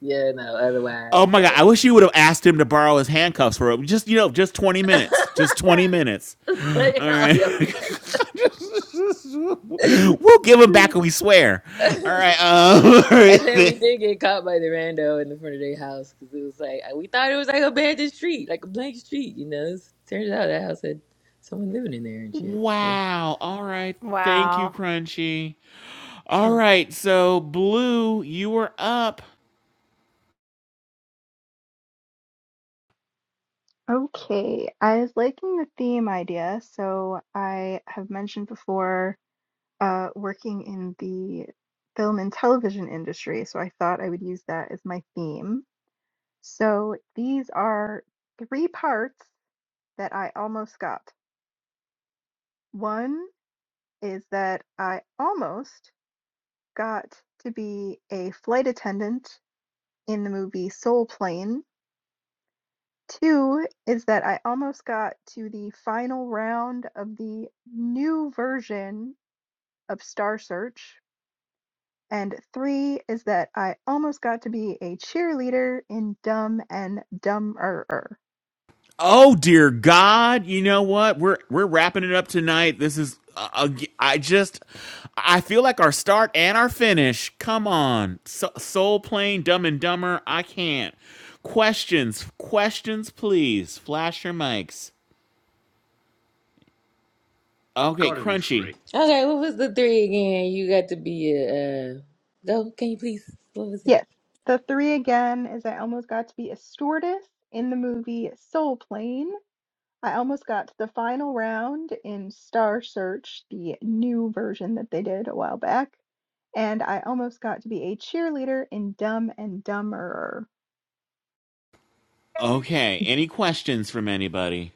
L: yeah no otherwise.
B: Oh my god! I wish you would have asked him to borrow his handcuffs for just you know just twenty
L: But
B: minutes, just twenty minutes. All
L: Y'all
B: right,
L: yelling.
B: we'll give him back and we swear. All right. Um,
L: and then we did get caught by the rando in the front of their house because it was like we thought it was like abandoned street, like a blank street, you know. It's, turns out that house had someone living in there and shit.
B: wow. All right. Thank
P: Wow.
B: you, Crunchy.
L: So.
B: All right. So Blue, you were up.
D: Okay, I was liking the theme idea. So I have mentioned before uh, working in the film and television industry, so I thought I would use that as my theme. So these are three parts that I almost got. One is that I almost got to be a flight attendant in the movie Soul Plane 2 is that I almost got to the final round of the new version of Star Search. And 3 is that I almost got to be a cheerleader in Dumb and Dumberer.
B: Oh dear God! You know what? We're we're wrapping it up tonight. This is uh, uh, I just I feel like our start and our finish. Come on, so, Soul Plane, Dumb and Dumber. I can't. Questions, questions, please. Flash your mics. Okay,
Q: gotta be
B: Crunchy.
Q: free.
L: Okay, what was the three again? You got to be a uh, go. Can you please? What was it?
D: Yes, the 3 again is I almost got to be a stewardess in the movie Soul Plane. I almost got to the final round in Star Search, the new version that they did a while back, and I almost got to be a cheerleader in Dumb and Dumberer.
B: Okay, any questions from anybody?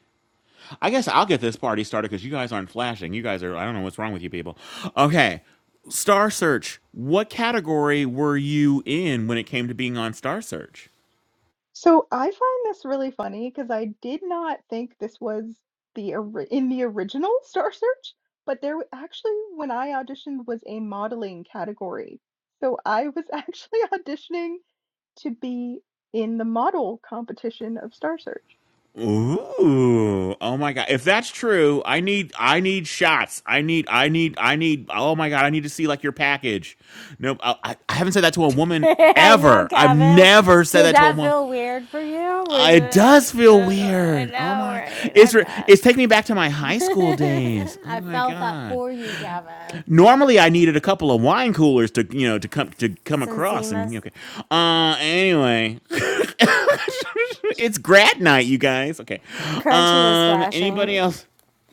B: I guess I'll get this party started because you guys aren't flashing. You guys are, I don't know what's wrong with you people. Okay. Star Search. What category were you in when it came to being on Star Search?
D: So I find this really funny because I did not think this was the ori- in the original Star Search, but there w- actually when I auditioned was a modeling category. So I was actually auditioning to be in the model competition of Star Search.
B: Ooh. Oh my god. If that's true, I need I need shots. I need I need I need oh my god, I need to see like your package. No, I, I I haven't said that to a woman
P: I know,
B: ever. I've
P: Kevin.
B: never said
P: Did
B: that to a
P: that
B: woman.
P: feel weird for you? Was
B: It does
P: it?
B: feel
P: Uh, I
B: weird. Oh
P: know,
B: my.
P: right? I
B: It's re-
P: bet.
B: it's taking me back to my high school days. Oh
P: I
B: my
P: felt that
B: god.
P: for you, Kevin.
B: Normally, I needed a couple of wine coolers to you know to come to come
P: Some
B: across
P: Zimas.
B: and okay. Uh, anyway, it's grad night, you guys. Okay.
P: Crunchy was
B: Um,
P: flashing.
B: anybody else?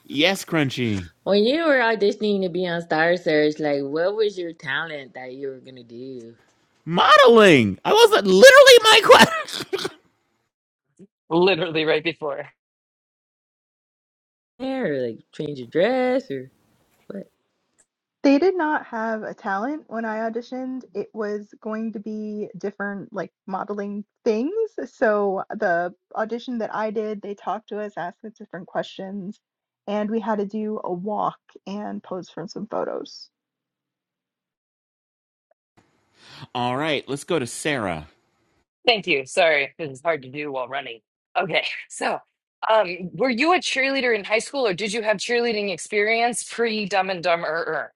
B: Yes, Crunchy.
L: When you were auditioning to be on Star Search, like what was your talent that you were gonna do?
B: Modeling. I was literally my question.
F: Literally right before.
L: Yeah, Or like change your dress or what?
D: They did not have a talent when I auditioned. It was going to be different, like modeling things. So the audition that I did, they talked to us, asked us different questions, and we had to do a walk and pose for some photos.
B: All right, let's go to Sarah.
F: Thank you. Sorry, this is hard to do while running. Okay, so um, were you a cheerleader in high school or did you have cheerleading experience pre Dumb and Dumber?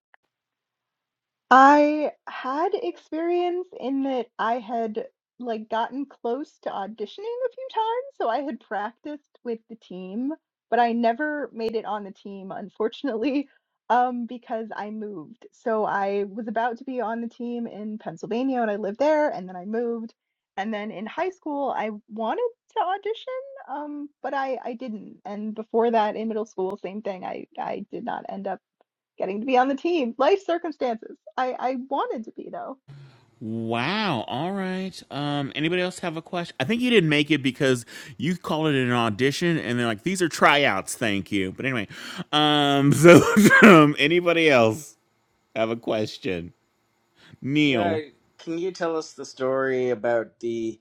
D: I had experience in that I had, like, gotten close to auditioning a few times, so I had practiced with the team, but I never made it on the team, unfortunately, um, because I moved. So I was about to be on the team in Pennsylvania, and I lived there, and then I moved. And then in high school, I wanted to audition, um, but I I didn't. And before that, in middle school, same thing. I I did not end up getting to be on the team, life circumstances. I, I wanted to be though.
B: Wow. All right. Um, anybody else have a question? I think you didn't make it because you called it an audition, and they're like, "These are tryouts." Thank you. But anyway, um, so um, anybody else? I have a question,
C: Yeah,
B: Neil.
C: can you tell us the story about the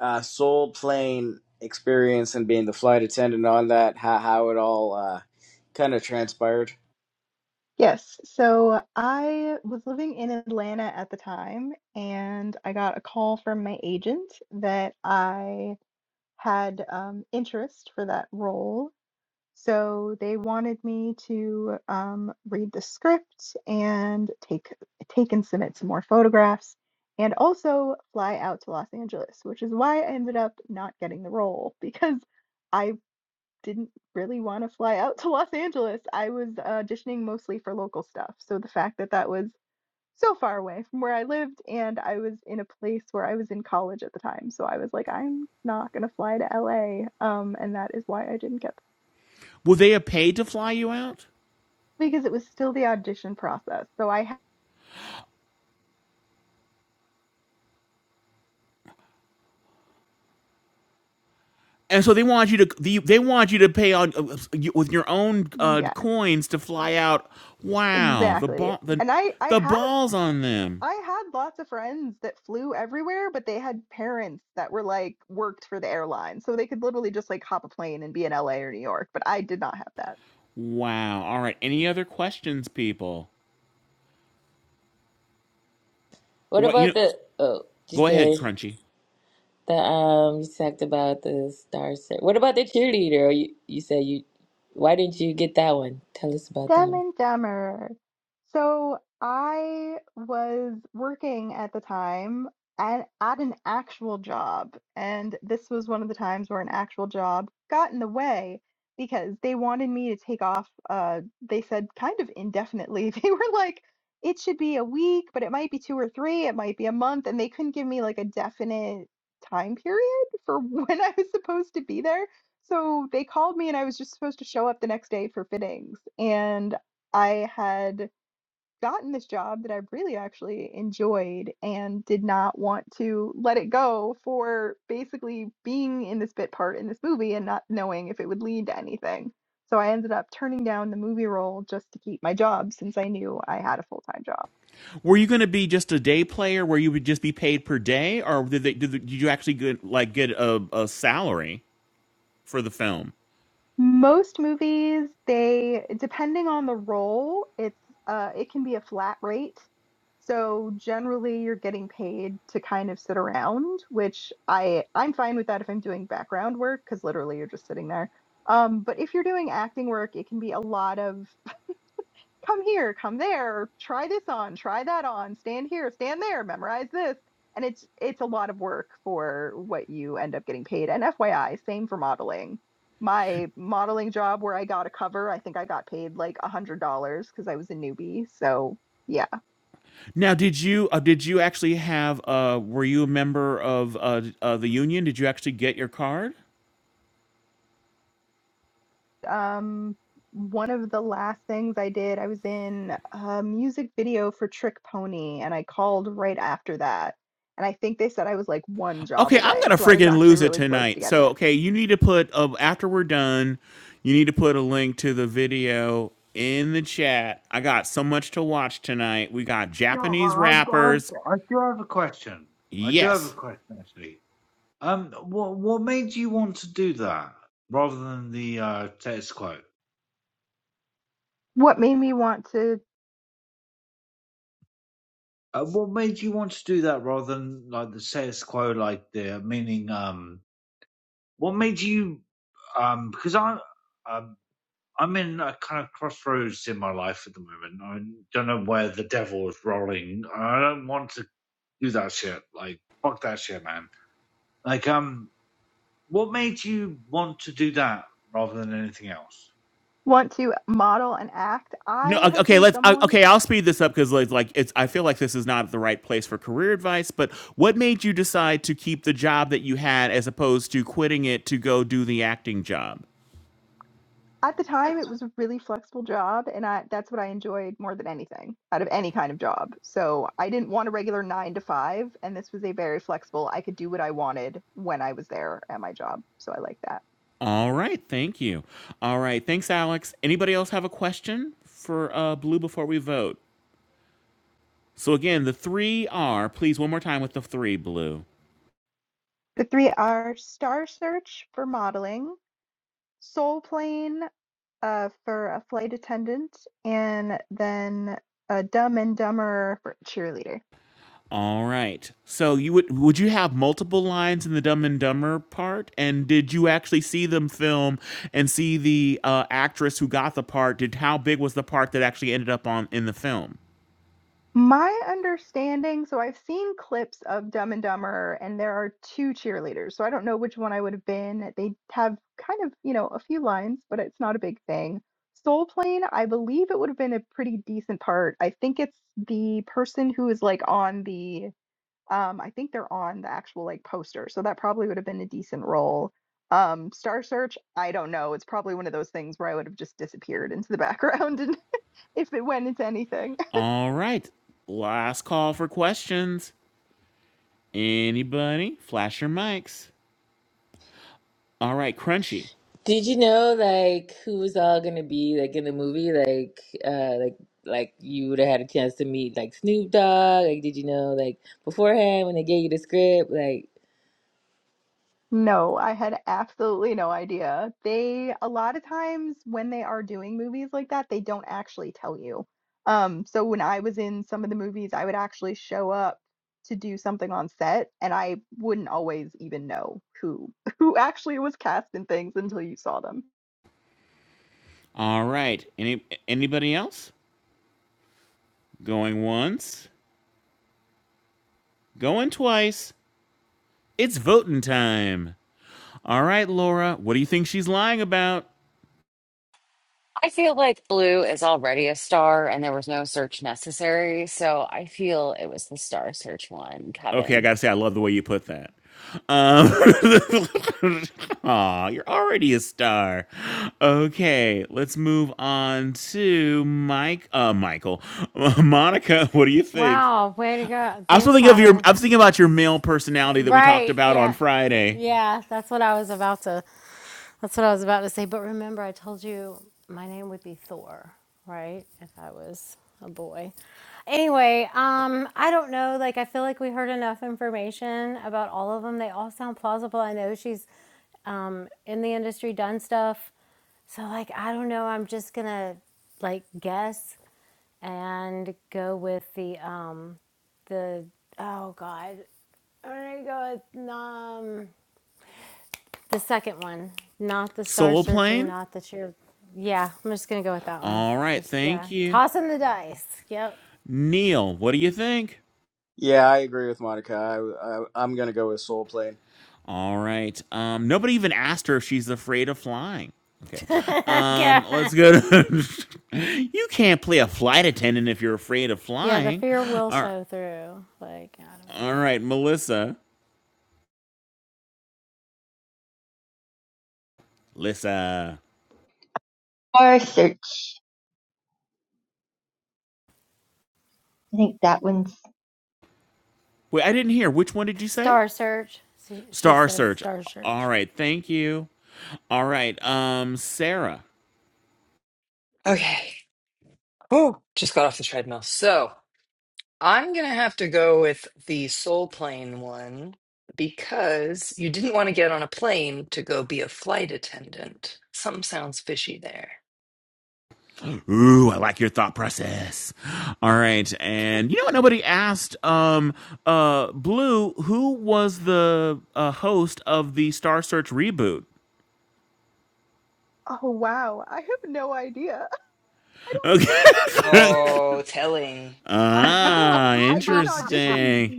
C: uh, soul plane experience and being the flight attendant on that? How how it all uh, kind of transpired?
D: Yes, so I was living in Atlanta at the time, and I got a call from my agent that I had um, interest for that role. So they wanted me to um, read the script and take take and submit some more photographs, and also fly out to Los Angeles, which is why I ended up not getting the role because. I. didn't really want to fly out to Los Angeles. I was uh, auditioning mostly for local stuff. So the fact that that was so far away from where I lived and I was in a place where I was in college at the time. So I was like, I'm not going to fly to LA. Um, and that is why I didn't get
B: Were they have paid to fly you out?
D: that, because it was still the audition process. So I, had
B: And so they want you to they, they want you to pay on uh, you- with your own uh,
D: yes,
B: coins to fly out. Wow, the
D: exactly.
B: ball the
D: And I, I
B: the
D: had
B: balls on them.
D: I had lots of friends that flew everywhere, but they had parents that were like worked for the airline. So they could literally just like hop a plane and be in LA or New York, but I did not have that.
B: Wow. All right. Any other questions, people?
L: What
B: What you know,
L: about the? Oh, you
B: go ahead,
L: said
B: Crunchy.
L: the um. You talked about the Star Search. What about the cheerleader? Or you you said you. Why didn't you get that one? Tell us about that
D: Dumb
L: one.
D: and Dumber. So I was working at the time at, at an actual job, and this was one of the times where an actual job got in the way because they wanted me to take off. Uh, they said kind of indefinitely. They were like, it should be a week, but it might be two or three, it might be a month, and they couldn't give me like a definite time period for when I was supposed to be there. So they called me, and I was just supposed to show up the next day for fittings. And I had gotten this job that I really actually enjoyed and did not want to let it go for basically being in this bit part in this movie and not knowing if it would lead to anything. So I ended up turning down the movie role just to keep my job since I knew I had a full time job.
B: Were you going to be just a day player where you would just be paid per day, or did they did, they- did you actually get like get a, a salary for the film?
D: Most movies, they depending on the role, it's uh, it can be a flat rate. So generally, you're getting paid to kind of sit around, which I I'm fine with that if I'm doing background work because literally you're just sitting there. Um, but if you're doing acting work, it can be a lot of come here, come there, try this on, try that on, stand here, stand there, memorize this. And it's it's a lot of work for what you end up getting paid. And FYI, same for modeling. My modeling job where I got a cover, I think I got paid like a hundred dollars because I was a newbie. So yeah.
B: Now, did you uh, did you actually have? Uh, were you a member of uh, uh, the union? Did you actually get your card?
D: Um one of the last things I did, I was in a music video for Trick Pony and I called right after that. And I think they said I was like one job
B: Okay, I'm
D: away.
B: gonna
D: So I was
B: friggin'
D: actually
B: lose it
D: really close to
B: tonight.
D: getting
B: So,
D: it.
B: okay, you need to put uh, after we're done, you need to put a link to the video in the chat. I got so much to watch tonight. We got
Q: Yeah,
B: Japanese
Q: I- I've got. I've
B: rappers.
Q: got I do have a question. I do have a
B: Yes.
Q: question actually. Um, what what made you want to do that rather than the uh, status quo?
D: what made me want to
Q: Uh, what made you want to do that rather than like the status quo, like the meaning? Um, what made you? Um, because I, um, I'm in a kind of crossroads in my life at the moment. I don't know where the devil is rolling. I don't want to do that shit. Like, fuck that shit, man. Like, um, what made you want to do that rather than anything else?
D: want to model and act
B: No,
D: i
B: o-
D: have
B: okay,
D: been
B: let's o-
D: someone
B: okay, I'll speed this up cuz like like it's I feel like this is not the right place for career advice, but what made you decide to keep the job that you had as opposed to quitting it to go do the acting job?
D: at the time it was a really flexible job and i that's what i enjoyed more than anything out of any kind of job so i didn't want a regular 9 to 5 and this was a very flexible i could do what i wanted when i was there at my job so i like that
B: All right, thank you. All right, thanks Alex. Anybody else have a question for uh Blue before we vote? So again, the 3 are, please one more time with the 3 Blue.
D: the 3 are star search for modeling soul plane uh, for a flight attendant and then a dumb and dumber for cheerleader
B: All right. So you would would you have multiple lines in the Dumb and Dumber part? And did you actually see them film and see the uh, actress who got the part? Did how big was the part that actually ended up on in the film?
D: My understanding so I've seen clips of Dumb and Dumber, and there are 2 cheerleaders, so I don't know which one I would have been. They have kind of, you know, a few lines, but it's not a big thing. Soul Plane, I believe it would have been a pretty decent part. I think it's the person who is, like, on the, um I think they're on the actual, like, poster, so that probably would have been a decent role. Um, Star Search, I don't know. It's probably one of those things where I would have just disappeared into the background and if it went into anything.
B: All right. Last call for questions. Anybody? Flash your mics. All right, Crunchy.
L: Did you know like who was all gonna be like in the movie? Like uh like like you would have had a chance to meet like Snoop Dogg. Like did you know like beforehand when they gave you the script? Like
D: No, I had absolutely no idea. They, a lot of times when they are doing movies like that, they don't actually tell you. Um, so when I was in some of the movies, I would actually show up to do something on set, and I wouldn't always even know who who actually was cast in things until you saw them.
B: All right. Any anybody else? Going once. Going twice. It's voting time. All right, Laura. What do you think she's lying about?
A: I feel like Blue is already a star and there was no search necessary. So I feel it was the star search one,
B: Okay, I
A: Kevin.
B: gotta say, I love the way you put that. Um, aw, you're already a star. Okay, let's move on to Mike. Uh, Michael, Monica, what do you think?
P: Wow, way to go.
B: I was
P: Thanks,
B: thinking of your.
P: Kevin.
B: I was thinking about your male personality that we talked
P: Right,
B: about on
P: yeah.
B: Friday.
P: Yeah, that's what I was about to That's what I was about to say. But remember, I told you my name would be Thor, right? If I was a boy. Anyway, um, I don't know. Like, I feel like we heard enough information about all of them. They all sound plausible. I know she's um, in the industry, done stuff. So, like, I don't know. I'm just gonna like guess and go with the um, the oh god, I'm gonna go with um. The second one, not the Star
B: Soul
P: Surgeon,
B: plane.
P: not the cheer. Yeah, I'm just gonna go with that one.
B: All right,
P: Just yeah,
B: thank you,
P: tossing the dice. Yep.
B: Neil. What do you think?
C: Yeah, I agree with Monica. I, I, I'm going to go with soul plane.
B: All right. Um, nobody even asked her if she's afraid of flying. Okay. Um,
P: yeah.
B: let's go to. you can't play a flight attendant if you're afraid of
P: Yeah, the
B: flying.
P: fear will
B: All right.
P: show through. Like I don't
B: All
P: know.
B: right, Melissa. Lissa.
I: Star Search. I think that one's
B: Wait, I didn't hear. Which one did you say?
P: Star Search. She, she
B: Star
P: says
B: Search.
P: Star
B: All
P: Search.
B: right. Thank you. All right. Um, Sarah.
F: Okay. Oh, just got off the treadmill. So I'm going to have to go with the soul plane one because you didn't want to get on a plane to go be a flight attendant. Something sounds fishy there.
B: Ooh, I like your thought process. All right, and you know what? Nobody asked. Um, uh, Blue, who was the uh, host of the Star Search reboot?
D: Oh wow, I have no idea. I don't I don't remember
B: Okay.
D: it.
F: Oh, telling.
D: I well no,
B: ah,
D: I didn't audition
B: interesting.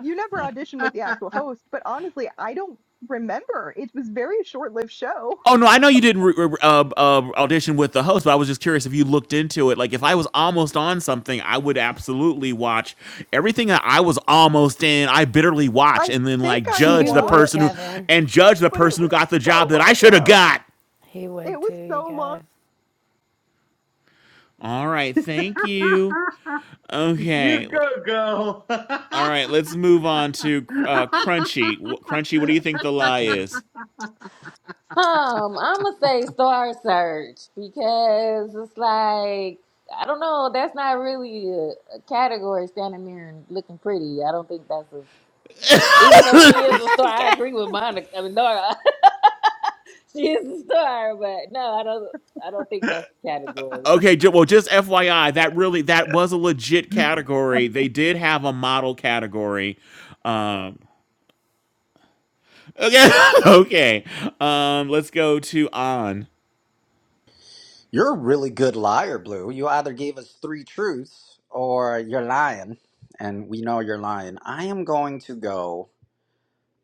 D: you never audition with the actual host, but honestly, I don't remember. It was very short lived show.
B: Oh no, I know you didn't re- re- uh, uh, audition with the host, but I was just curious if you looked into it. Like, if I was almost on something, I would absolutely watch everything that I was almost in. I bitterly watch
D: I
B: and then
D: think
B: like
D: I
B: judge
P: You
B: the
P: would,
B: person who
D: watched,
P: Kevin.
B: and judge the
D: but it
B: person who
D: was
B: got the
D: so
B: job that
D: long
B: I should have
D: ago.
B: got.
P: He
D: It
P: would
D: was
P: too, you
D: so long.
P: guys.
B: All right, thank you.
Q: You
B: Okay, l-
Q: go, girl.
B: all right, let's move on to uh, Crunchy. Wh- Crunchy, what do you think the lie
L: okay.
B: is?
L: Um, I'ma say Star Search because it's like I don't know, that's not really a, a category standing there and looking pretty. I don't think that's a even though she is a star, I
P: Okay.
L: agree with Monica I mean Nora. she is a star, but no, I don't I don't think that's a category.
B: Okay, ju- well, just FYI, that really that was a legit category. They did have a model category. Um, okay, okay. Um, let's go to on.
J: You're a really good liar, Blue. You either gave us three truths or you're lying, and we know you're lying. I am going to go.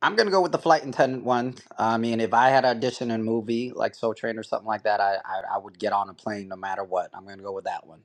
J: I'm going to go with the flight attendant one. I mean, if I had auditioned in a movie like Soul Train or something like that, I, I, I would get on a plane no matter what. I'm going to go with that one.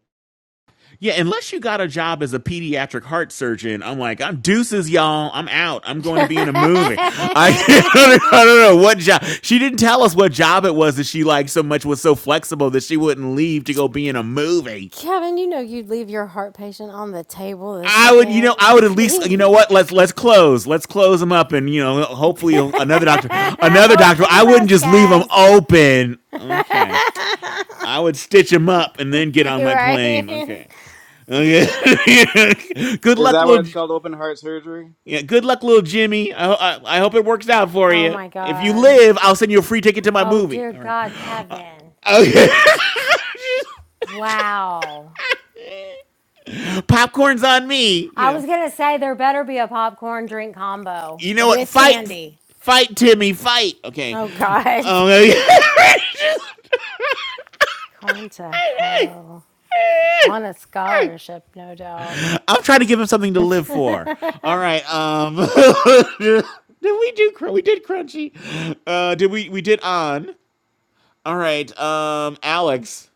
B: Yeah, unless you got a job as a pediatric heart surgeon, I'm like, I'm deuces, y'all. I'm out. I'm going to be in a movie. I, I don't I don't know what job. She didn't tell us what job it was that she liked so much was so flexible that she wouldn't leave to go be in a movie.
P: Kevin, you know you'd leave your heart patient on the table the
B: I would, you know, I
P: second
B: would at least, you
P: he
B: know what? Let's let's close, let's close him up, and you know, hopefully another doctor, another
P: Hope
B: doctor.
P: for the
B: I wouldn't
P: best,
B: just leave him
P: guys.
B: open. Okay, I would stitch him up and then get on
P: You're
B: my plane.
P: right.
B: Okay, okay. good
C: Is
B: luck,
C: that why
B: little.
C: it's called open heart surgery?
B: Yeah, good luck, little Jimmy. I, I I hope it works out for
P: oh
B: you.
P: my
B: If you
P: God.
B: live, I'll send you a free ticket to my
P: Oh
B: movie.
P: dear
B: All right.
P: God, Kevin.
B: Okay.
P: Wow.
B: Popcorn's on me. You
P: I
B: know.
P: was gonna say there better be a popcorn drink combo
B: You know what?
P: with
B: Fight,
P: candy.
B: fight, Timmy, fight. Okay.
P: Oh God.
B: Okay.
P: Going to hell. On a scholarship, no doubt.
B: I'm trying to give him something to live for. All right. Um, did we do? Cr- We did Crunchy. Uh, did we? We did on. All right. Um, Alex.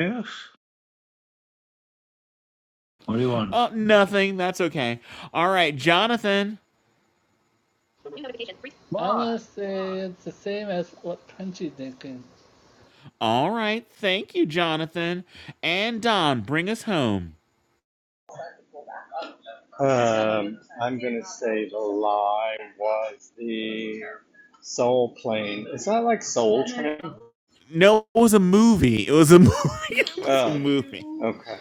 Q: Yeah. What do you want?
B: Uh, nothing. That's okay. All right, Jonathan.
Q: What?
O: would say it's the same as what Kanji thinking.
B: All right. Thank you, Jonathan. And Don, bring us home.
R: Um, I'm gonna say the lie was the Soul Plane. Is that like Soul Train?
B: No, it was a movie. It was a movie. it was a
R: Oh,
B: movie.
R: okay.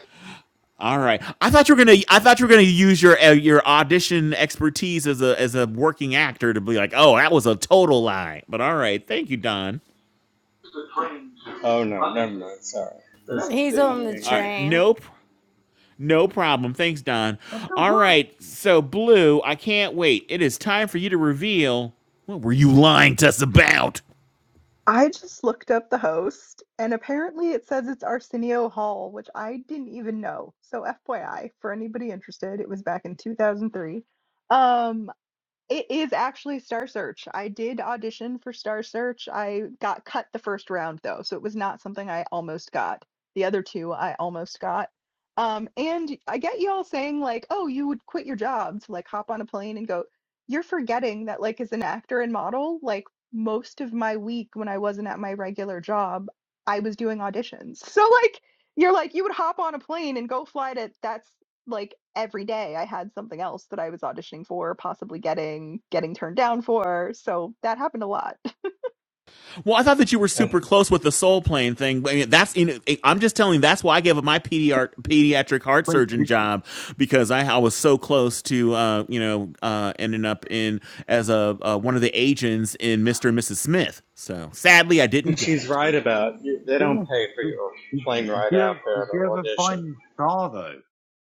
B: All right. I thought you were gonna. I thought you were gonna use your uh, your audition expertise as a as a working actor to be like, oh, that was a total lie. But all right, thank you, Don.
R: Oh no, never mind. Sorry.
P: He's on the
B: All right,
P: train.
B: nope, no problem. Thanks, Don.
Q: What the
B: All
Q: fuck?
B: right, so Blue, I can't wait. It is time for you to reveal what were you lying to us about.
D: I just looked up the host, and apparently it says it's Arsenio Hall, which I didn't even know. So, FYI, for anybody interested, it was back in 2003. Um, It is actually Star Search. I did audition for Star Search. I got cut the first round though, so it was not something I almost got. The other two I almost got. Um, and I get y'all saying like, "Oh, you would quit your job to like hop on a plane and go." You're forgetting that like as an actor and model, like most of my week when I wasn't at my regular job, I was doing auditions. So like you're like you would hop on a plane and go fly to that's like every day I had something else that I was auditioning for, possibly getting getting turned down for. So that happened a lot.
B: Well, I thought that you were super
R: And
B: close with the soul plane thing. I mean, that's you know, I'm just telling. you, That's why I gave up my pediatric pediatric heart
Q: Wait,
B: surgeon
Q: did
B: job because I, I was so close to uh, you know uh, ending up in as a uh, one of the agents in Mr. and Mrs. Smith. So sadly, I didn't get
R: she's
B: it.
R: right about They don't
Q: you,
R: pay for
Q: did,
R: your plane ride
Q: you,
R: out
Q: did
R: there to
Q: you ever
R: audition.
Q: find Star though?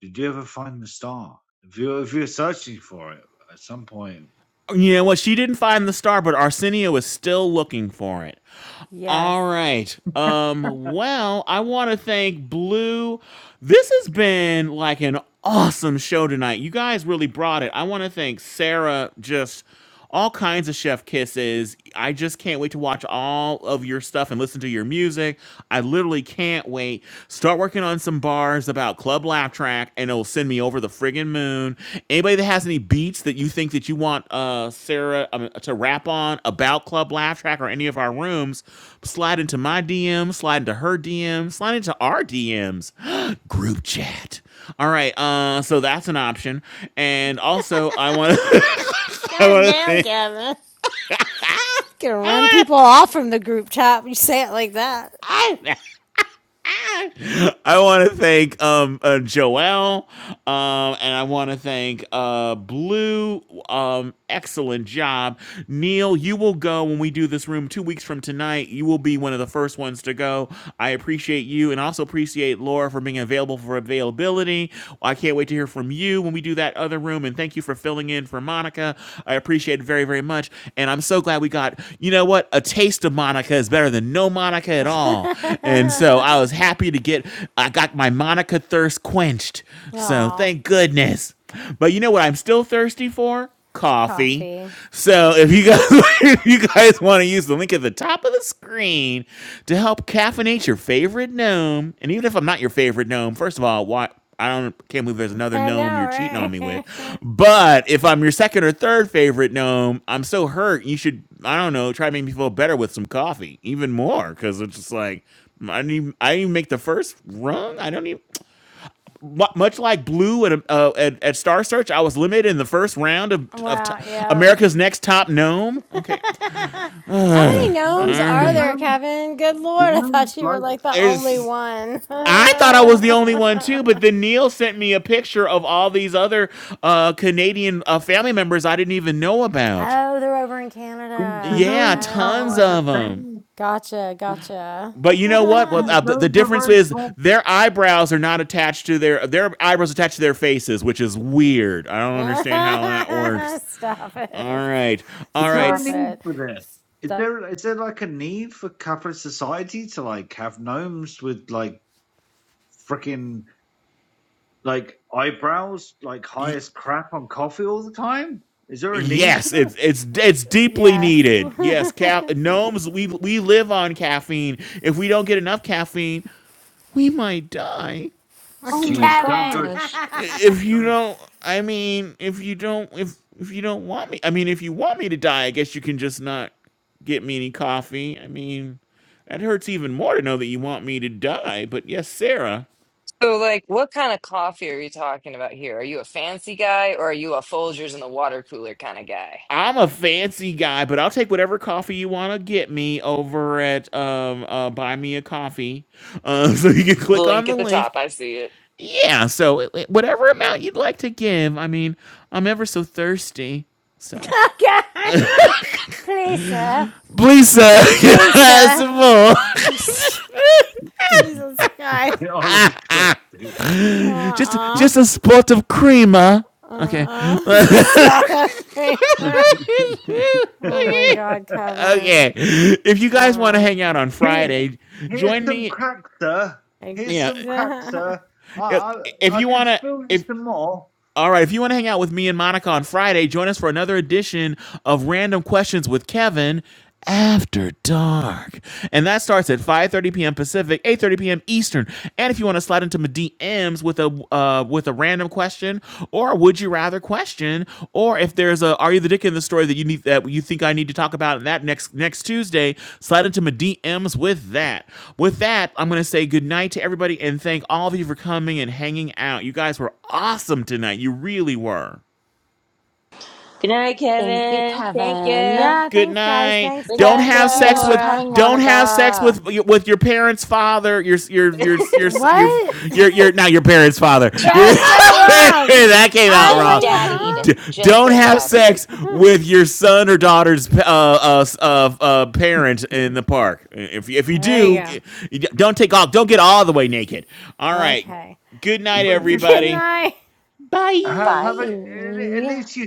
Q: Did you ever find the star? If you are if you're searching for it at some point,
B: You know what? She didn't find the star, but Arsenio is still looking for it.
P: Yes.
B: All right. Um, well, I want to thank Blue. This has been like an awesome show tonight. You guys really brought it. I want to thank Sarah just all kinds of chef kisses. I just can't wait to watch all of your stuff and listen to your music. I literally can't wait. Start working on some bars about Club Laugh Track, and it'll send me over the friggin' moon. Anybody that has any beats that you think that you want uh, Sarah um, to rap on about Club Laugh Track or any of our rooms, slide into my DM, slide into her DM, slide into our DMs, group chat. All right, uh, so that's an option, and also I want to, I
P: God
B: want
P: damn,
B: to.
P: Kevin. Gonna run
B: I
P: people off from the group chat. You say it like that.
B: want to. I want to thank um uh, Joelle, um, and I want to thank uh Blue. Um, excellent job, Neil. You will go when we do this room two weeks from tonight. You will be one of the first ones to go. I appreciate you, and also appreciate Laura for being available for availability. I can't wait to hear from you when we do that other room. And thank you Thank you for filling in for Monica. I appreciate it very, very much. And I'm so glad we got, you know what? A taste of Monica is better than no Monica at all. And so I was happy to get, I got my Monica thirst quenched. So
P: Aw,
B: thank goodness. But you know what I'm still thirsty for? coffee.
P: coffee.
B: So if you guys if you guys want to use the link at the top of the screen to help caffeinate your favorite gnome, and even if I'm not your favorite gnome, first of all, why I don't can't believe there's another
P: I
B: gnome
P: know,
B: you're cheating on me with.
P: right?
B: But if I'm your second or third favorite gnome, I'm so hurt. You should I don't know try to make me feel better with some coffee, even more because it's just like I didn't even, I didn't even make the first rung. I don't even much like Blue at, uh, at at Star Search, I was limited in the first round of of t-
P: Wow, yeah.
B: America's Next Top Gnome. Okay,
P: How many
B: Ugh.
Q: No,
B: all
P: gnomes
Q: do
P: are
B: right.
P: there,
Q: gnomes,
P: Kevin? Good lord, I
Q: gnomes
P: thought you were
Q: like
P: like the only
B: There's.
P: one.
B: I thought I was the only one too,
P: oh,
B: but then Neil sent me a picture of all these other uh, Canadian uh, family members I didn't even know about.
P: they're over in
Q: do,
P: Canada.
B: Yeah,
Q: gnomes have
B: tons
Q: like
P: Oh,
B: of
Q: a
B: them.
Q: thing?
P: gotcha,
Q: Do,
P: gotcha.
B: But you know what? Well, uh, the the
Q: gnomes are
B: difference
Q: very
B: is
Q: small.
B: their eyebrows are not attached to their their eyebrows attached to their faces, which is weird. I don't understand how that works.
P: Stop
B: All
P: it.
B: right.
Q: Is
B: All right.
Q: there a
P: Stop
Q: need
P: it.
Q: for yes. this? Is
P: Stop.
Q: there is there like a need for capitalist society to like have gnomes with like freaking like eyebrows like high as crap on coffee all the time? Is there a need for
B: Yes,
Q: that?
B: it's it's it's deeply
P: Yes.
B: needed. Yes, ca- gnomes we we live on caffeine. If we don't get enough caffeine, we might die.
A: Oh my
B: So
Q: Jeez, don't go,
P: Kevin!
A: gosh.
B: if you
Q: don't.
B: don't I mean, if you don't if if you don't want me, I mean, if you want me to die, I guess you can just not get me any coffee. I mean, that hurts even more to know that you want me to die. But yes, Sarah.
F: So, like, what kind of coffee are you talking about here? Are you a fancy guy or are you a Folgers in the water cooler kind of guy?
B: I'm a fancy guy, but I'll take whatever coffee you want to get me over at um uh, Buy Me a Coffee. Uh, so you can
F: The
B: click on
F: link
B: the
F: at the
B: link.
F: top, I see it.
B: Yeah, so it- it- whatever amount you'd like to give. I mean, I'm ever so thirsty. So
P: Kevin! Please, sir.
B: please,
Q: Oh
B: sir, can I
Q: my
P: Please,
B: have
P: sir.
B: some more.
Q: god,
P: Jesus Christ.
Q: get Oliver Twist. dude.
B: just
P: Uh-uh.
B: just a spot of creamer. Okay.
P: Uh-uh. This is not okay.
B: okay.
P: Oh my God, Kevin.
B: If you guys want to
P: Kevin.
B: hang out on
Q: Here,
B: Friday,
Q: here's
B: join
Q: some
B: me.
Q: crack, sir.
P: Ex-
Q: Here's
B: Yeah.
Q: some crack, sir. I,
B: If,
Q: I,
B: if
Q: I
B: you
Q: could
B: want to,
Q: spill you
B: if
Q: some more,
B: all right, if you want to hang out with me and Monica on Friday, join us for another edition of Random Questions with Kevin after dark and that starts at 5:30 p.m pacific 8:30 p.m eastern and if you want to slide into my dms with a uh with a random question or would you? would you rather question, or if there's a are you the dick in the story that you need that you think I need to talk about in that next next Tuesday, slide into my DMs with that. With that, I'm gonna say good night to everybody and thank all of you for coming and hanging out. You guys were awesome tonight. You really were.
L: Good night,
A: Thank you,
L: Kevin. Thank
A: Kevin.
L: you.
P: yeah,
B: Good
P: thanks, guys.
B: night.
P: Thanks,
L: We
B: Don't
L: love
P: Kevin.
B: have
P: Thank you,
B: sex
A: Thanks
L: you.
A: for
B: with.
P: Laura.
A: coming,
B: Don't have sex
A: Monica.
B: with with your parents' father. Your your your your your
P: What?
B: your, your not your parents' father. Your
P: That's
F: Child's
P: so
F: father?
P: wrong.
B: that came
P: I
B: out
P: was
A: Get
B: wrong.
P: like, huh?
B: D-
A: daddied. Just
B: don't
A: get
B: have
A: daddied.
B: sex with your son or daughter's uh, uh, uh, uh, parent in the park. If if you
P: There
B: do,
P: you
B: don't take off. Don't get all the way naked. All
P: go.
B: right.
P: Okay.
B: Good night,
Q: but just
P: Good
B: everybody.
P: night.
Q: ha- have
B: Bye.
Q: a, at
A: Bye.
Q: least you